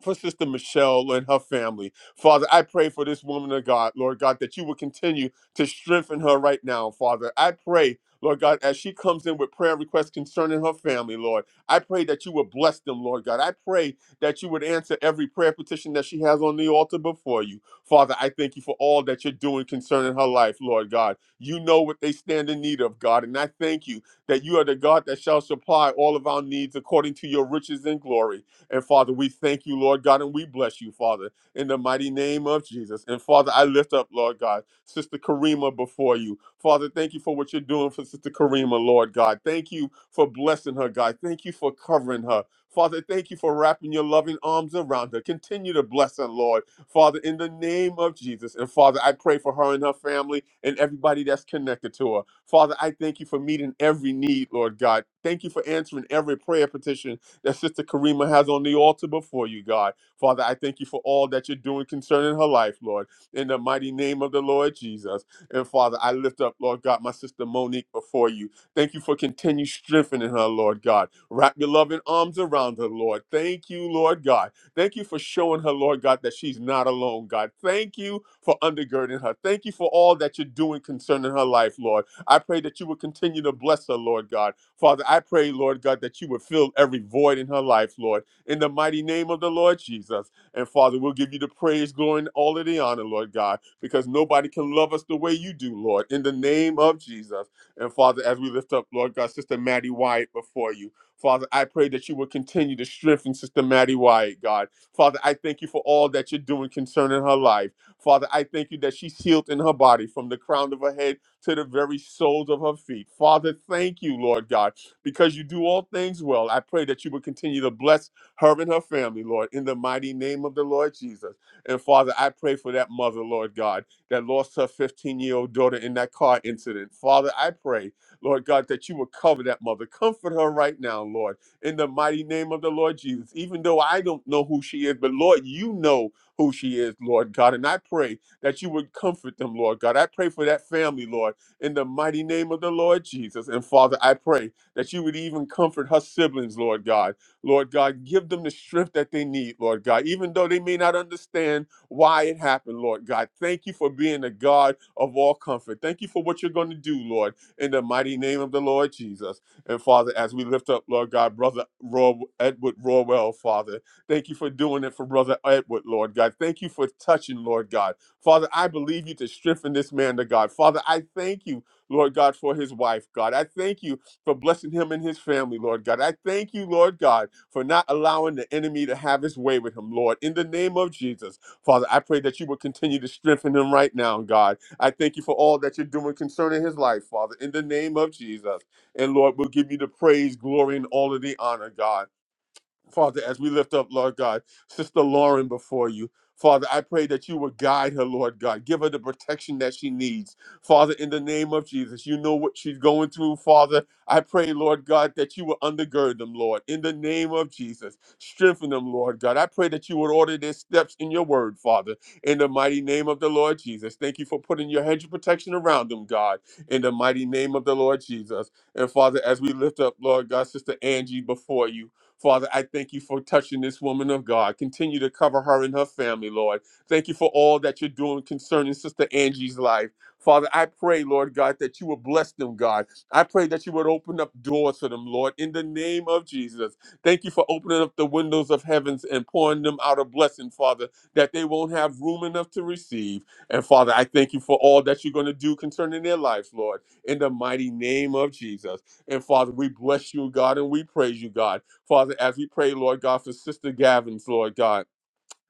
S3: for Sister Michelle and her family. Father, I pray for this woman of God, Lord God, that you will continue to strengthen her right now, Father. I pray. Lord God, as she comes in with prayer requests concerning her family, Lord, I pray that you would bless them, Lord God. I pray that you would answer every prayer petition that she has on the altar before you. Father, I thank you for all that you're doing concerning her life, Lord God. You know what they stand in need of, God, and I thank you that you are the God that shall supply all of our needs according to your riches and glory. And Father, we thank you, Lord God, and we bless you, Father, in the mighty name of Jesus. And Father, I lift up, Lord God, Sister Karima before you. Father, thank you for what you're doing for Sister Karima, Lord God. Thank you for blessing her, God. Thank you for covering her. Father, thank you for wrapping your loving arms around her. Continue to bless her, Lord. Father, in the name of Jesus. And Father, I pray for her and her family and everybody that's connected to her. Father, I thank you for meeting every need, Lord God. Thank you for answering every prayer petition that Sister Karima has on the altar before you, God. Father, I thank you for all that you're doing concerning her life, Lord, in the mighty name of the Lord Jesus. And Father, I lift up, Lord God, my sister Monique before you. Thank you for continued strengthening her, Lord God. Wrap your loving arms around her, Lord. Thank you, Lord God. Thank you for showing her, Lord God, that she's not alone, God. Thank you for undergirding her. Thank you for all that you're doing concerning her life, Lord. I pray that you would continue to bless her, Lord God. Father, I pray, Lord God, that you would fill every void in her life, Lord, in the mighty name of the Lord Jesus. And Father, we'll give you the praise, glory, and all of the honor, Lord God, because nobody can love us the way you do, Lord, in the name of Jesus. And Father, as we lift up, Lord God, Sister Maddie Wyatt before you, Father, I pray that you will continue to strengthen Sister Maddie Wyatt, God. Father, I thank you for all that you're doing concerning her life. Father, I thank you that she's healed in her body from the crown of her head to the very soles of her feet. Father, thank you, Lord God, because you do all things well. I pray that you would continue to bless her and her family, Lord, in the mighty name of the Lord Jesus. And Father, I pray for that mother, Lord God, that lost her 15 year old daughter in that car incident. Father, I pray, Lord God, that you would cover that mother. Comfort her right now, Lord, in the mighty name of the Lord Jesus. Even though I don't know who she is, but Lord, you know who she is, Lord God. And I pray that you would comfort them, Lord God. I pray for that family, Lord, in the mighty name of the Lord Jesus. And Father, I pray that you would even comfort her siblings, Lord God. Lord God, give them the strength that they need, Lord God, even though they may not understand why it happened, Lord God. Thank you for being the God of all comfort. Thank you for what you're going to do, Lord, in the mighty name of the Lord Jesus. And Father, as we lift up, Lord God, Brother Ro- Edward Rawell, Father, thank you for doing it for Brother Edward, Lord God. Thank you for touching, Lord God. Father, I believe you to strengthen this man to God. Father, I thank you, Lord God, for his wife, God. I thank you for blessing him and his family, Lord God. I thank you, Lord God, for not allowing the enemy to have his way with him, Lord. In the name of Jesus, Father, I pray that you will continue to strengthen him right now, God. I thank you for all that you're doing concerning his life, Father. In the name of Jesus. And Lord, we'll give you the praise, glory, and all of the honor, God. Father, as we lift up, Lord God, Sister Lauren before you. Father, I pray that you would guide her, Lord God. Give her the protection that she needs. Father, in the name of Jesus, you know what she's going through, Father. I pray, Lord God, that you would undergird them, Lord. In the name of Jesus, strengthen them, Lord God. I pray that you would order their steps in your word, Father. In the mighty name of the Lord Jesus. Thank you for putting your hedge of protection around them, God. In the mighty name of the Lord Jesus. And Father, as we lift up, Lord God, Sister Angie before you. Father, I thank you for touching this woman of God. Continue to cover her and her family, Lord. Thank you for all that you're doing concerning Sister Angie's life. Father, I pray, Lord God, that you would bless them, God. I pray that you would open up doors for them, Lord, in the name of Jesus. Thank you for opening up the windows of heavens and pouring them out a blessing, Father, that they won't have room enough to receive. And Father, I thank you for all that you're going to do concerning their lives, Lord, in the mighty name of Jesus. And Father, we bless you, God, and we praise you, God. Father, as we pray, Lord God, for Sister Gavin's, Lord God.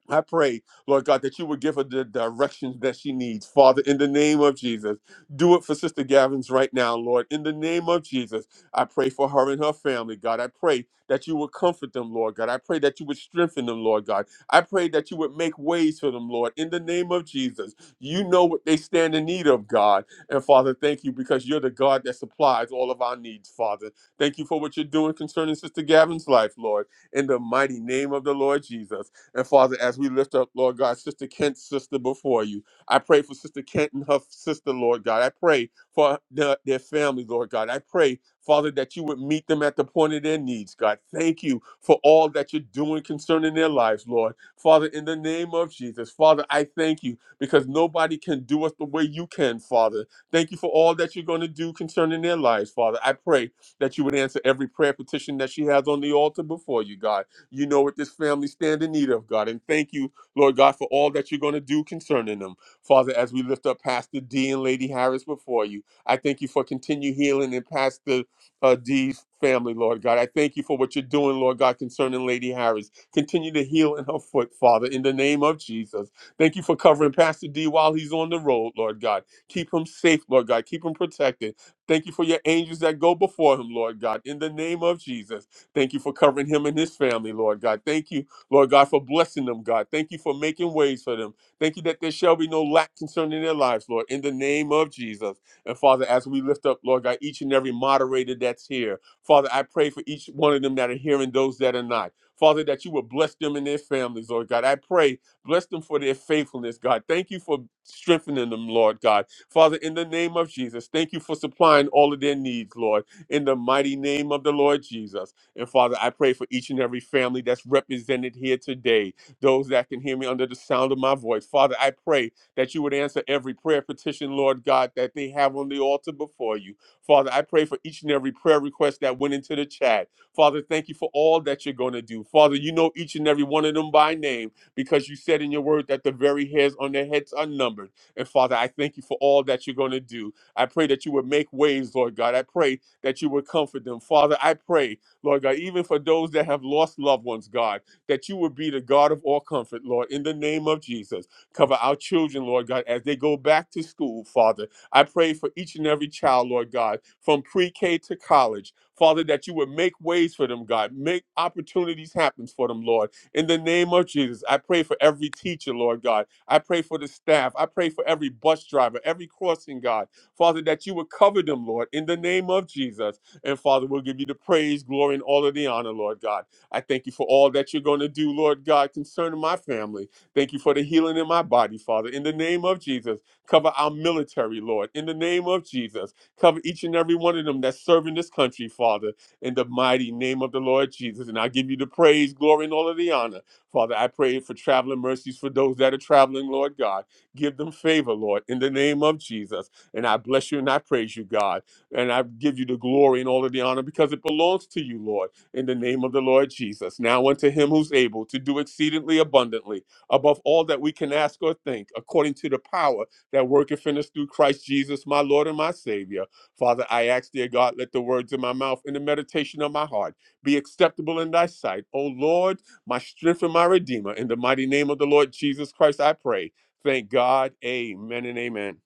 S3: I pray, Lord God, that you would give her the directions that she needs. Father, in the name of Jesus, do it for Sister Gavin's right now, Lord. In the name of Jesus, I pray for her and her family, God. I pray that you would comfort them, Lord God. I pray that you would strengthen them, Lord God. I pray that you would make ways for them, Lord. In the name of Jesus, you know what they stand in need of, God. And Father, thank you because you're the God that supplies all of our needs, Father. Thank you for what you're doing concerning Sister Gavin's life, Lord. In the mighty name of the Lord Jesus. And Father, as we lift up, Lord God, Sister Kent's sister before you, I pray for Sister Kent and her sister, Lord God. I pray for their, their family, Lord God. I pray, Father, that you would meet them at the point of their needs, God. Thank you for all that you're doing concerning their lives, Lord. Father, in the name of Jesus, Father, I thank you because nobody can do us the way you can, Father. Thank you for all that you're going to do concerning their lives, Father. I pray that you would answer every prayer petition that she has on the altar before you, God. You know what this family stand in need of, God. And thank you, Lord God, for all that you're going to do concerning them. Father, as we lift up Pastor D and Lady Harris before you, I thank you for continued healing in Pastor uh, D's family, Lord God. I thank you for what you're doing, Lord God, concerning Lady Harris. Continue to heal in her foot, Father, in the name of Jesus. Thank you for covering Pastor D while he's on the road, Lord God. Keep him safe, Lord God. Keep him protected. Thank you for your angels that go before him, Lord God, in the name of Jesus. Thank you for covering him and his family, Lord God. Thank you, Lord God, for blessing them, God. Thank you for making ways for them. Thank you that there shall be no lack concerning their lives, Lord, in the name of Jesus. And Father, as we lift up, Lord God, each and every moderator that's here, Father, I pray for each one of them that are here and those that are not. Father, that you will bless them and their families, Lord God. I pray, bless them for their faithfulness, God. Thank you for strengthening them, Lord God. Father, in the name of Jesus, thank you for supplying all of their needs, Lord, in the mighty name of the Lord Jesus. And Father, I pray for each and every family that's represented here today, those that can hear me under the sound of my voice. Father, I pray that you would answer every prayer petition, Lord God, that they have on the altar before you. Father, I pray for each and every prayer request that went into the chat. Father, thank you for all that you're going to do. Father, you know each and every one of them by name because you said in your word that the very hairs on their heads are numbered. And Father, I thank you for all that you're going to do. I pray that you would make ways, Lord God. I pray that you would comfort them. Father, I pray Lord God, even for those that have lost loved ones, God, that you would be the God of all comfort, Lord, in the name of Jesus. Cover our children, Lord God, as they go back to school, Father. I pray for each and every child, Lord God, from pre K to college, Father, that you would make ways for them, God, make opportunities happen for them, Lord. In the name of Jesus, I pray for every teacher, Lord God. I pray for the staff. I pray for every bus driver, every crossing, God. Father, that you would cover them, Lord, in the name of Jesus. And Father, we'll give you the praise, glory, and all of the honor, Lord God. I thank you for all that you're going to do, Lord God, concerning my family. Thank you for the healing in my body, Father. In the name of Jesus, cover our military, Lord. In the name of Jesus, cover each and every one of them that's serving this country, Father, in the mighty name of the Lord Jesus. And I give you the praise, glory, and all of the honor. Father, I pray for traveling mercies for those that are traveling, Lord God. Give them favor, Lord, in the name of Jesus. And I bless you and I praise you, God. And I give you the glory and all of the honor because it belongs to you, Lord, in the name of the Lord Jesus. Now unto him who's able to do exceedingly abundantly above all that we can ask or think, according to the power that worketh in us through Christ Jesus, my Lord and my Savior. Father, I ask, dear God, let the words of my mouth and the meditation of my heart be acceptable in thy sight. O Lord, my strength and my redeemer. In the mighty name of the Lord Jesus Christ, I pray. Thank God. Amen and amen.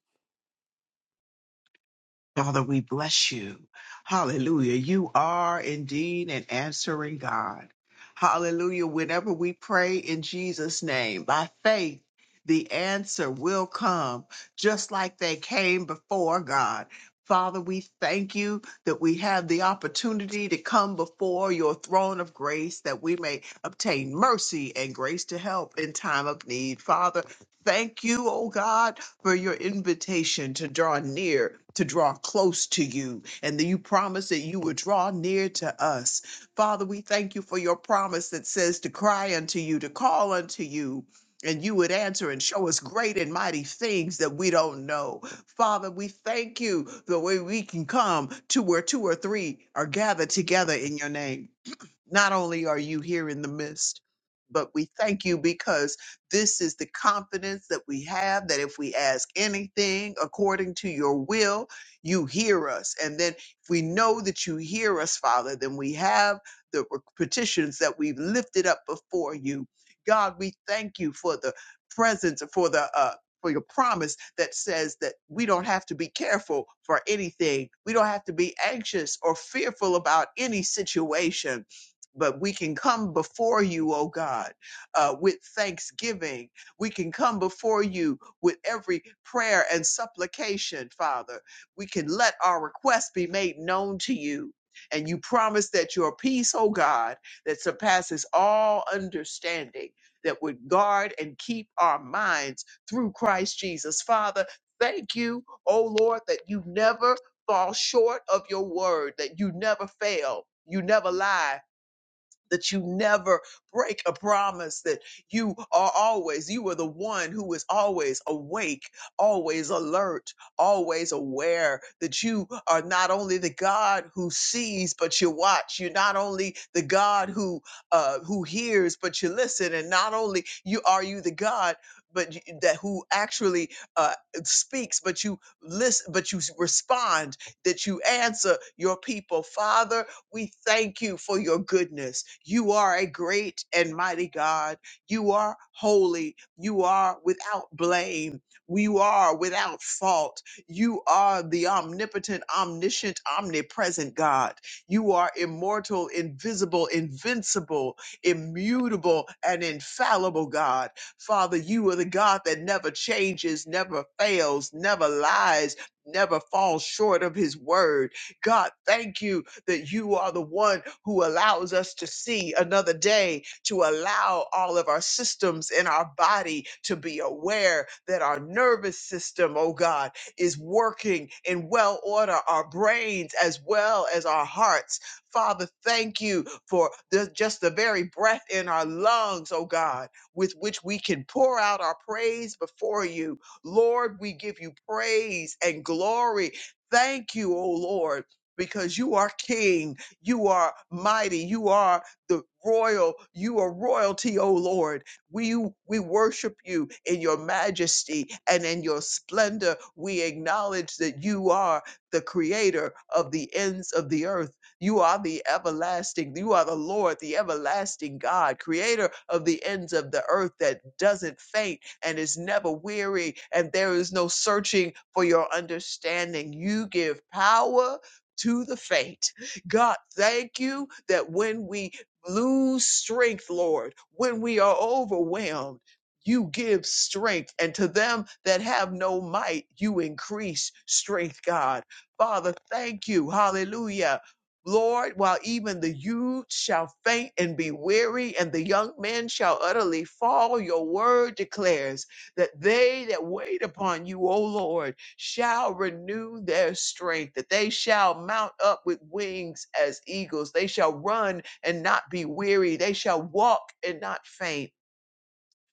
S5: Father, we bless you. Hallelujah. You are indeed an answering God. Hallelujah. Whenever we pray in Jesus' name by faith, the answer will come just like they came before God. Father, we thank you that we have the opportunity to come before your throne of grace that we may obtain mercy and grace to help in time of need. Father, Thank you, oh God, for your invitation to draw near, to draw close to you, and that you promised that you would draw near to us. Father, we thank you for your promise that says to cry unto you, to call unto you. And you would answer and show us great and mighty things that we don't know. Father, we thank you the way we can come to where two or three are gathered together in your name. Not only are you here in the midst, but we thank you because this is the confidence that we have that if we ask anything according to your will, you hear us. And then if we know that you hear us, Father, then we have the petitions that we've lifted up before you. God, we thank you for the presence, for the uh, for your promise that says that we don't have to be careful for anything. We don't have to be anxious or fearful about any situation but we can come before you, oh God, uh, with thanksgiving. We can come before you with every prayer and supplication, Father. We can let our requests be made known to you. And you promise that your peace, oh God, that surpasses all understanding, that would guard and keep our minds through Christ Jesus. Father, thank you, oh Lord, that you never fall short of your word, that you never fail, you never lie that you never break a promise that you are always you are the one who is always awake always alert always aware that you are not only the god who sees but you watch you're not only the god who uh who hears but you listen and not only you are you the god but you, that who actually uh, speaks, but you listen, but you respond, that you answer your people, Father. We thank you for your goodness. You are a great and mighty God. You are holy. You are without blame. You are without fault. You are the omnipotent, omniscient, omnipresent God. You are immortal, invisible, invincible, immutable, and infallible God. Father, you are the God that never changes, never fails, never lies, never falls short of his word. God, thank you that you are the one who allows us to see another day, to allow all of our systems in our body to be aware that our nervous system, oh God, is working in well order, our brains as well as our hearts. Father, thank you for the, just the very breath in our lungs, oh God, with which we can pour out our praise before you. Lord, we give you praise and glory. Thank you, oh Lord because you are king, you are mighty, you are the royal, you are royalty, O Lord. We we worship you in your majesty and in your splendor. We acknowledge that you are the creator of the ends of the earth. You are the everlasting, you are the Lord, the everlasting God, creator of the ends of the earth that doesn't faint and is never weary, and there is no searching for your understanding. You give power to the faint. God, thank you that when we lose strength, Lord, when we are overwhelmed, you give strength. And to them that have no might, you increase strength, God. Father, thank you. Hallelujah. Lord, while even the youth shall faint and be weary, and the young men shall utterly fall, your word declares that they that wait upon you, O Lord, shall renew their strength, that they shall mount up with wings as eagles. They shall run and not be weary. They shall walk and not faint.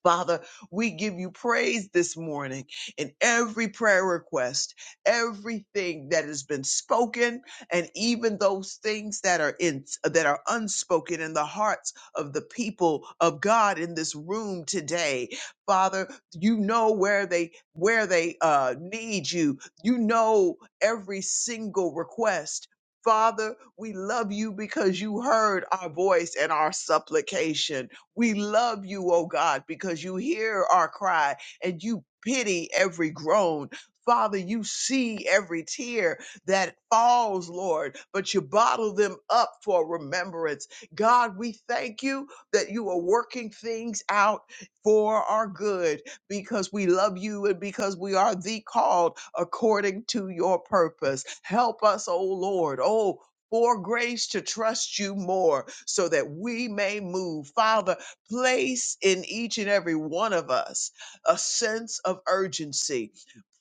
S5: Father, we give you praise this morning in every prayer request, everything that has been spoken, and even those things that are in that are unspoken in the hearts of the people of God in this room today. Father, you know where they where they uh, need you. You know every single request. Father, we love you because you heard our voice and our supplication. We love you, oh God, because you hear our cry and you pity every groan. Father, you see every tear that falls, Lord, but you bottle them up for remembrance. God, we thank you that you are working things out for our good because we love you and because we are the called according to your purpose. Help us, oh Lord. Oh, for grace to trust you more so that we may move. Father, place in each and every one of us a sense of urgency,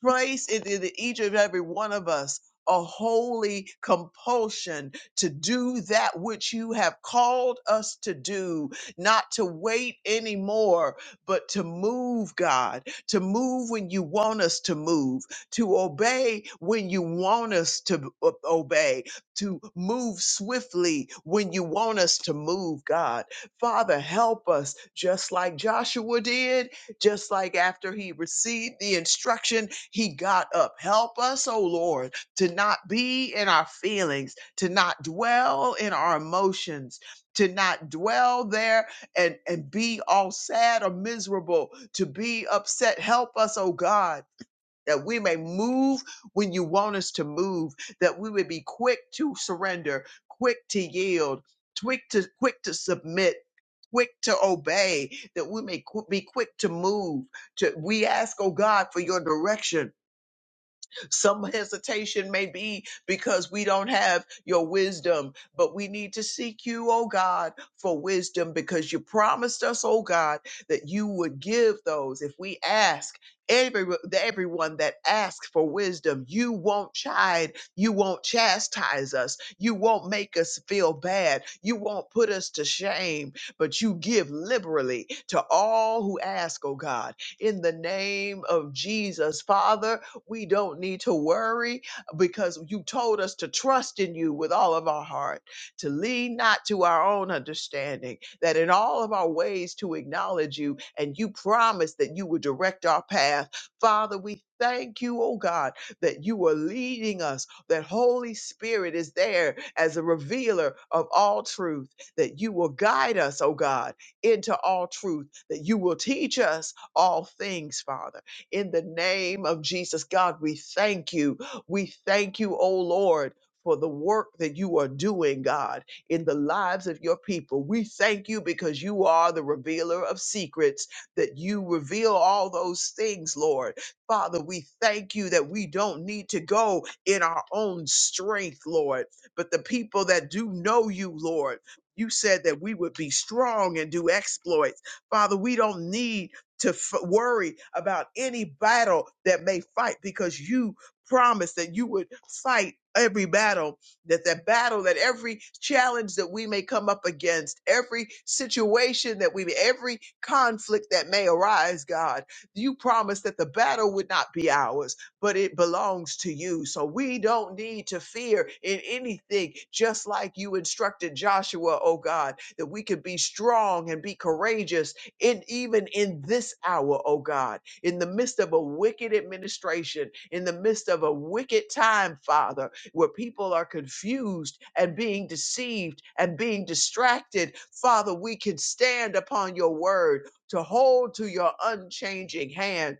S5: place in, in each and every one of us a holy compulsion to do that which you have called us to do, not to wait anymore, but to move, God, to move when you want us to move, to obey when you want us to o- obey, to move swiftly when you want us to move, God. Father, help us, just like Joshua did, just like after he received the instruction, he got up. Help us, oh Lord, to not be in our feelings, to not dwell in our emotions. To not dwell there and, and be all sad or miserable, to be upset. Help us, oh God, that we may move when you want us to move, that we would be quick to surrender, quick to yield, quick to quick to submit, quick to obey, that we may qu- be quick to move. To we ask, oh God, for your direction some hesitation may be because we don't have your wisdom, but we need to seek you, oh God, for wisdom because you promised us, oh God, that you would give those if we ask. Every, everyone that asks for wisdom, you won't chide, you won't chastise us, you won't make us feel bad, you won't put us to shame, but you give liberally to all who ask, oh God in the name of Jesus. Father, we don't need to worry because you told us to trust in you with all of our heart, to lean not to our own understanding, that in all of our ways to acknowledge you, and you promised that you would direct our path. Father, we thank you, oh God, that you are leading us, that Holy Spirit is there as a revealer of all truth, that you will guide us, oh God, into all truth, that you will teach us all things, Father. In the name of Jesus, God, we thank you. We thank you, O Lord. For the work that you are doing, God, in the lives of your people. We thank you because you are the revealer of secrets, that you reveal all those things, Lord. Father, we thank you that we don't need to go in our own strength, Lord, but the people that do know you, Lord, you said that we would be strong and do exploits. Father, we don't need to f- worry about any battle that may fight because you promised that you would fight every battle that that battle that every challenge that we may come up against every situation that we every conflict that may arise god you promised that the battle would not be ours but it belongs to you so we don't need to fear in anything just like you instructed joshua oh god that we could be strong and be courageous in even in this hour, oh God, in the midst of a wicked administration, in the midst of a wicked time, Father, where people are confused and being deceived and being distracted, Father, we can stand upon your word to hold to your unchanging hand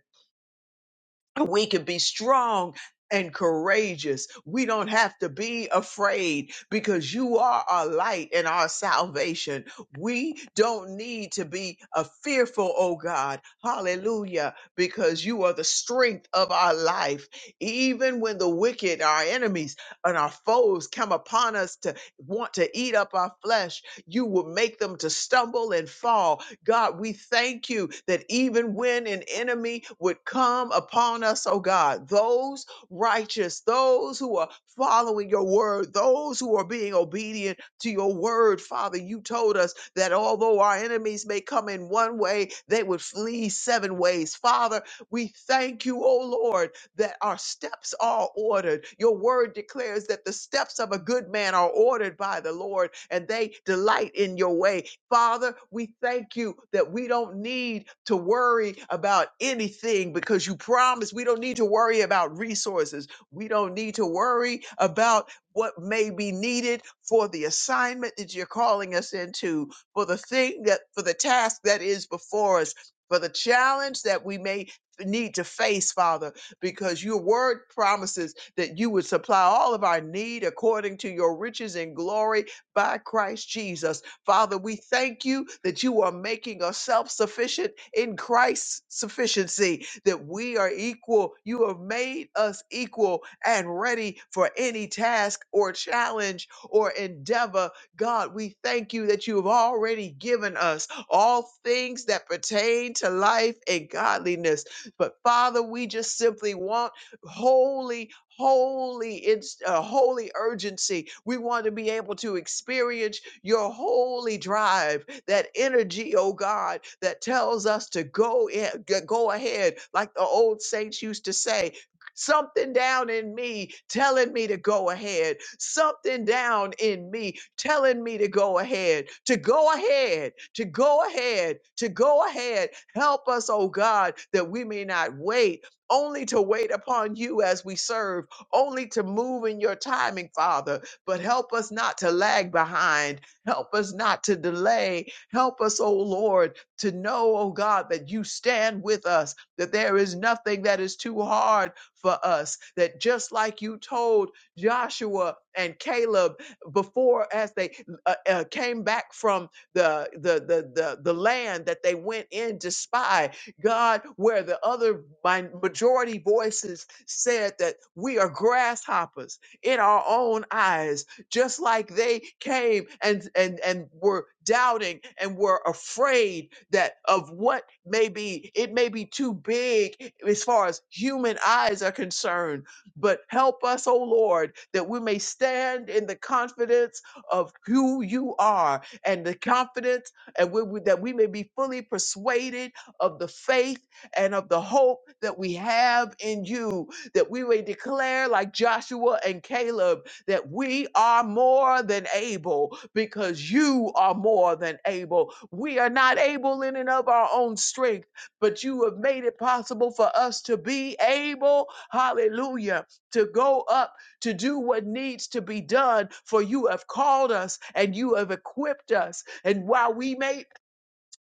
S5: we can be strong and courageous. We don't have to be afraid because you are our light and our salvation. We don't need to be a fearful, oh God. Hallelujah, because you are the strength of our life. Even when the wicked, our enemies and our foes come upon us to want to eat up our flesh, you will make them to stumble and fall God, we thank you that even when an enemy would come upon us, oh God, those righteous, those who are following your word, those who are being obedient to your word, Father, you told us that although our enemies may come in one way, they would flee seven ways. Father, we thank you, oh Lord, that our steps are ordered. Your word declares that the steps of a good man are ordered by the Lord and they delight in your way. Father, we thank you that we don't need to worry about anything because you promised we don't need to worry about resources. We don't need to worry about what may be needed for the assignment that you're calling us into, for the thing that, for the task that is before us, for the challenge that we may need to face, Father, because your word promises that you would supply all of our need according to your riches and glory by Christ Jesus. Father, we thank you that you are making us self sufficient in Christ's sufficiency, that we are equal. You have made us equal and ready for any task or challenge or endeavor. God, we thank you that you have already given us all things that pertain to life and godliness. But Father, we just simply want holy, holy, it's a holy urgency. We want to be able to experience your holy drive, that energy, oh God, that tells us to go in, go ahead, like the old saints used to say. Something down in me telling me to go ahead. Something down in me telling me to go ahead, to go ahead, to go ahead, to go ahead. Help us, oh God, that we may not wait only to wait upon you as we serve, only to move in your timing, Father. But help us not to lag behind. Help us not to delay. Help us, O Lord, to know, O God, that you stand with us, that there is nothing that is too hard for us, that just like you told Joshua and Caleb before as they uh, uh, came back from the, the, the, the, the land that they went in to spy, God, where the other my majority voices said that we are grasshoppers in our own eyes, just like they came and and and were doubting and were afraid that of what may be it may be too big as far as human eyes are concerned but help us O lord that we may stand in the confidence of who you are and the confidence and we, we- that we may be fully persuaded of the faith and of the hope that we have in you, that we may declare, like Joshua and Caleb, that we are more than able because you are more than able. We are not able in and of our own strength, but you have made it possible for us to be able, hallelujah, to go up to do what needs to be done, for you have called us and you have equipped us. And while we may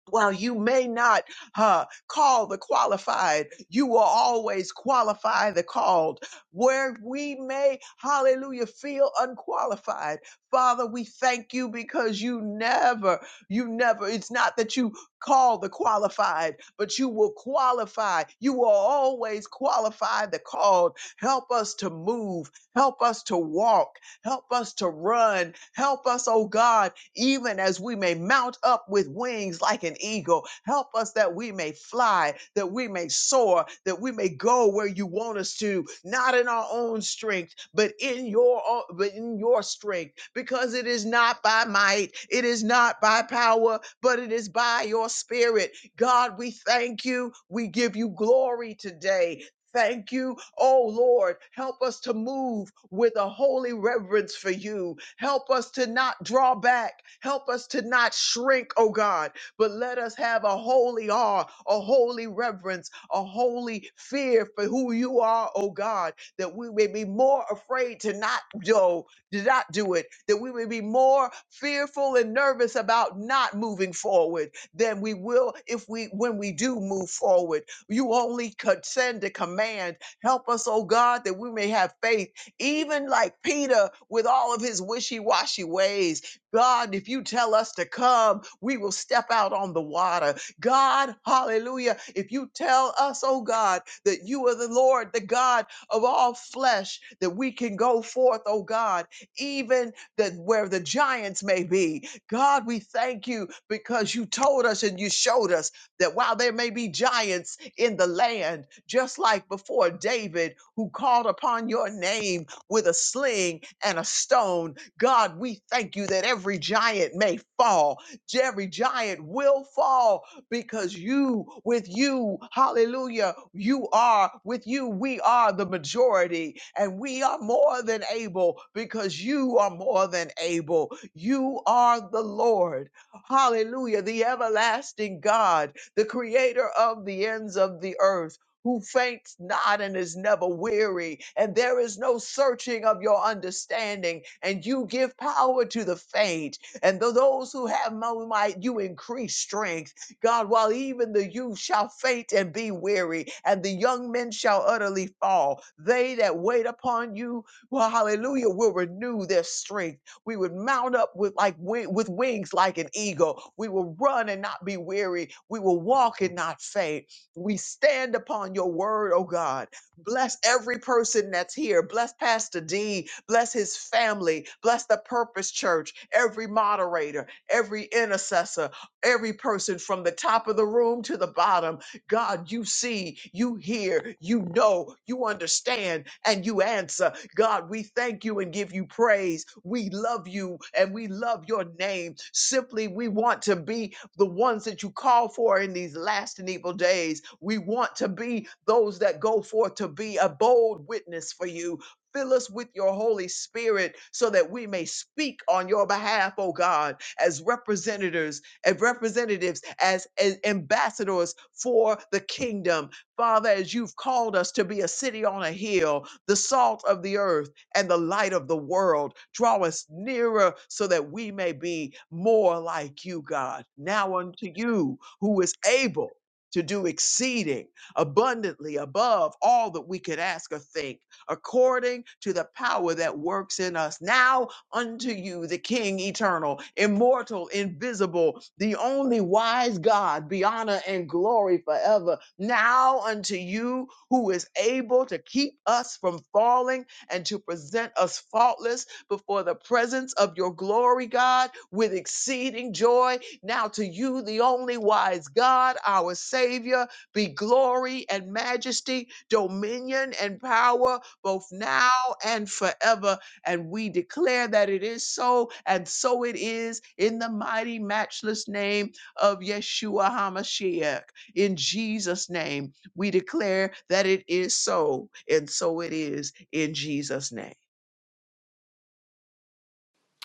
S5: while you may not uh, call the qualified, you will always qualify the called. Where we may, hallelujah, feel unqualified. Father, we thank you because you never, you never, it's not that you call the qualified, but you will qualify. You will always qualify the called. Help us to move. Help us to walk. Help us to run. Help us, oh God even as we may mount up with wings like an eagle. Help us that we may fly, that we may soar, that we may go where you want us to, not in our own strength, but in your own, but in your strength, because it is not by might, it is not by power, but it is by your spirit. God, we thank you. We give you glory today. Thank you. Oh Lord, help us to move with a holy reverence for you. Help us to not draw back. Help us to not shrink, oh God, but let us have a holy awe, a holy reverence, a holy fear for who you are, oh God, that we may be more afraid to not do, to not do it, that we may be more fearful and nervous about not moving forward than we will if we when we do move forward. You only could send a command. Help us, oh God, that we may have faith, even like Peter with all of his wishy washy ways. God, if you tell us to come, we will step out on the water. God, hallelujah, if you tell us, oh God, that you are the Lord, the God of all flesh, that we can go forth, oh God, even that where the giants may be. God, we thank you because you told us and you showed us that while there may be giants, in the land, just like before David, who called upon your name with a sling and a stone. God, we thank you that every giant may fall. Every giant will fall because you, with you, hallelujah, you are, with you, we are the majority and we are more than able because you are more than able. You are the Lord. Hallelujah, the everlasting God the creator of the ends of the earth. Who faints not and is never weary, and there is no searching of your understanding, and you give power to the faint, and to those who have no might, you increase strength. God, while even the youth shall faint and be weary, and the young men shall utterly fall, they that wait upon you, well, hallelujah, will renew their strength. We would mount up with like wi- with wings like an eagle. We will run and not be weary. We will walk and not faint. We stand upon your word, oh God. Bless every person that's here. Bless Pastor D. Bless his family. Bless the Purpose Church, every moderator, every intercessor, every person from the top of the room to the bottom. God, you see, you hear, you know, you understand, and you answer. God, we thank you and give you praise. We love you and we love your name. Simply, we want to be the ones that you call for in these last and evil days. We want to be those that go forth to be a bold witness for you. Fill us with your Holy Spirit so that we may speak on your behalf, oh God, as representatives and representatives as, as ambassadors for the kingdom. Father, as you've called us to be a city on a hill, the salt of the earth and the light of the world, draw us nearer so that we may be more like you, God. Now unto you who is able to do exceeding abundantly above all that we could ask or think, according to the power that works in us. Now unto you the King eternal, immortal, invisible, the only wise God, be honor and glory forever. Now unto you who is able to keep us from falling and to present us faultless before the presence of your glory, God, with exceeding joy. Now to you, the only wise God, our Savior, be glory and majesty, dominion and power, both now and forever. And we declare that it is so, and so it is in the mighty, matchless name of Yeshua HaMashiach. In Jesus' name, we declare that it is so, and so it is in Jesus' name.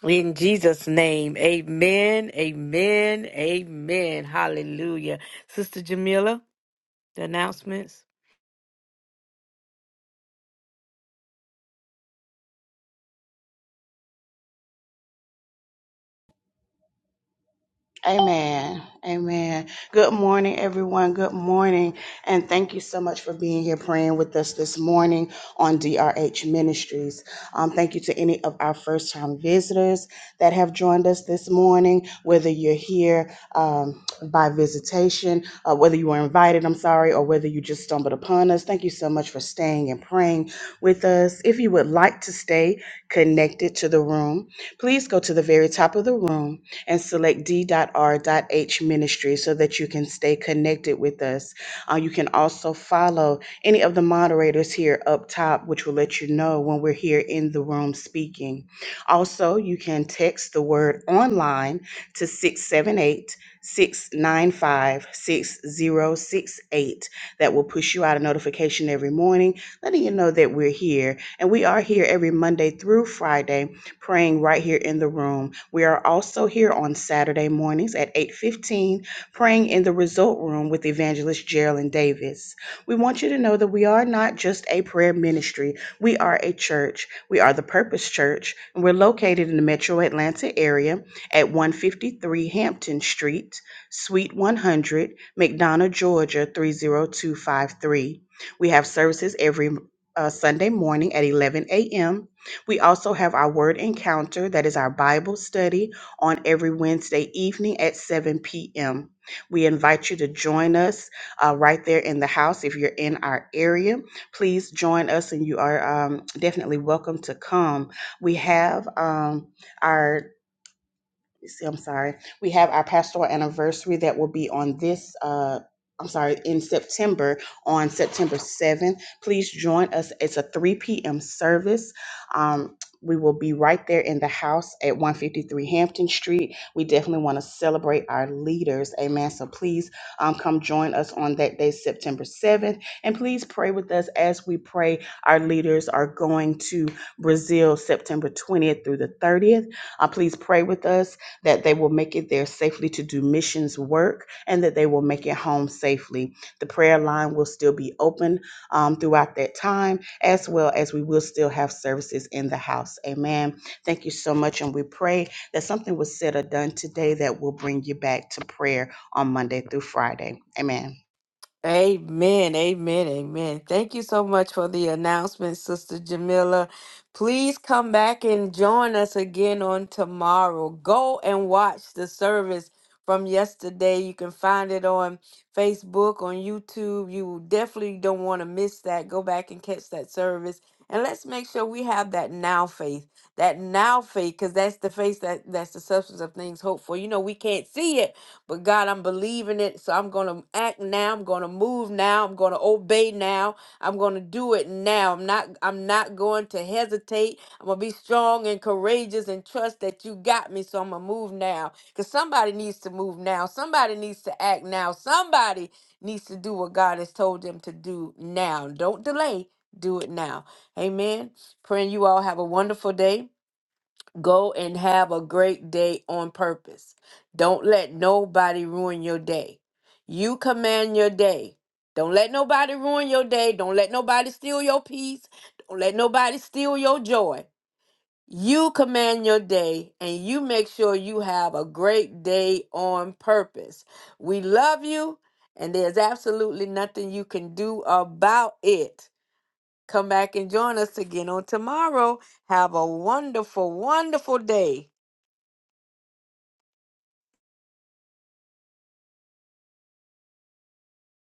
S2: In Jesus' name, amen, amen, amen. Hallelujah. Sister Jamila, the announcements.
S6: Amen. Amen. Good morning, everyone. Good morning. And thank you so much for being here praying with us this morning on DRH Ministries. Um, thank you to any of our first time visitors that have joined us this morning, whether you're here um, by visitation, uh, whether you were invited, I'm sorry, or whether you just stumbled upon us. Thank you so much for staying and praying with us. If you would like to stay connected to the room, please go to the very top of the room and select d.r.h ministry so that you can stay connected with us. Uh, you can also follow any of the moderators here up top, which will let you know when we're here in the room speaking. Also, you can text the word online to 678 695 6068. That will push you out a notification every morning, letting you know that we're here. And we are here every Monday through Friday praying right here in the room. We are also here on Saturday mornings at 8:15 praying in the result room with evangelist Geraldine Davis. We want you to know that we are not just a prayer ministry. We are a church. We are the Purpose Church, and we're located in the Metro Atlanta area at 153 Hampton Street, Suite 100, McDonough, Georgia 30253. We have services every uh, Sunday morning at 11 a.m we also have our word encounter, that is our Bible study on every Wednesday evening at 7 p.m. We invite you to join us uh, right there in the house if you're in our area. Please join us, and you are um, definitely welcome to come. We have um, our see, I'm sorry. We have our pastoral anniversary that will be on this. Uh, I'm sorry, in September, on September 7th. Please join us. It's a 3 p.m. service. Um, we will be right there in the house at 153 Hampton Street. We definitely want to celebrate our leaders. Amen. So please um, come join us on that day, September 7th. And please pray with us as we pray. Our leaders are going to Brazil September 20th through the 30th. Uh, please pray with us that they will make it there safely to do missions work, and that they will make it home safely. The prayer line will still be open um, throughout that time, as well as we will still have services in the house. Amen. Thank you so much, and we pray that something was said or done today that will bring you back to prayer on Monday through Friday. Amen.
S2: Amen, amen, amen. Thank you so much for the announcement, Sister Jamila. Please come back and join us again on tomorrow. Go and watch the service from yesterday. You can find it on Facebook, on YouTube. You definitely don't want to miss that. Go back and catch that service. And let's make sure we have that now faith. That now faith, because that's the faith that, that's the substance of things hoped for. You know, we can't see it, but God, I'm believing it. So I'm going to act now. I'm going to move now. I'm going to obey now. I'm going to do it now. I'm not I'm not going to hesitate. I'm going to be strong and courageous and trust that you got me. So I'm going to move now cuz somebody needs to move now. Somebody needs to act now. Somebody needs to do what God has told them to do now. Don't delay. Do it now. Amen. Praying you all have a wonderful day. Go and have a great day on purpose. Don't let nobody ruin your day. You command your day. Don't let nobody ruin your day. Don't let nobody steal your peace. Don't let nobody steal your joy. You command your day and you make sure you have a great day on purpose. We love you, and there's absolutely nothing you can do about it. Come back and join us again on tomorrow. Have a wonderful, wonderful day.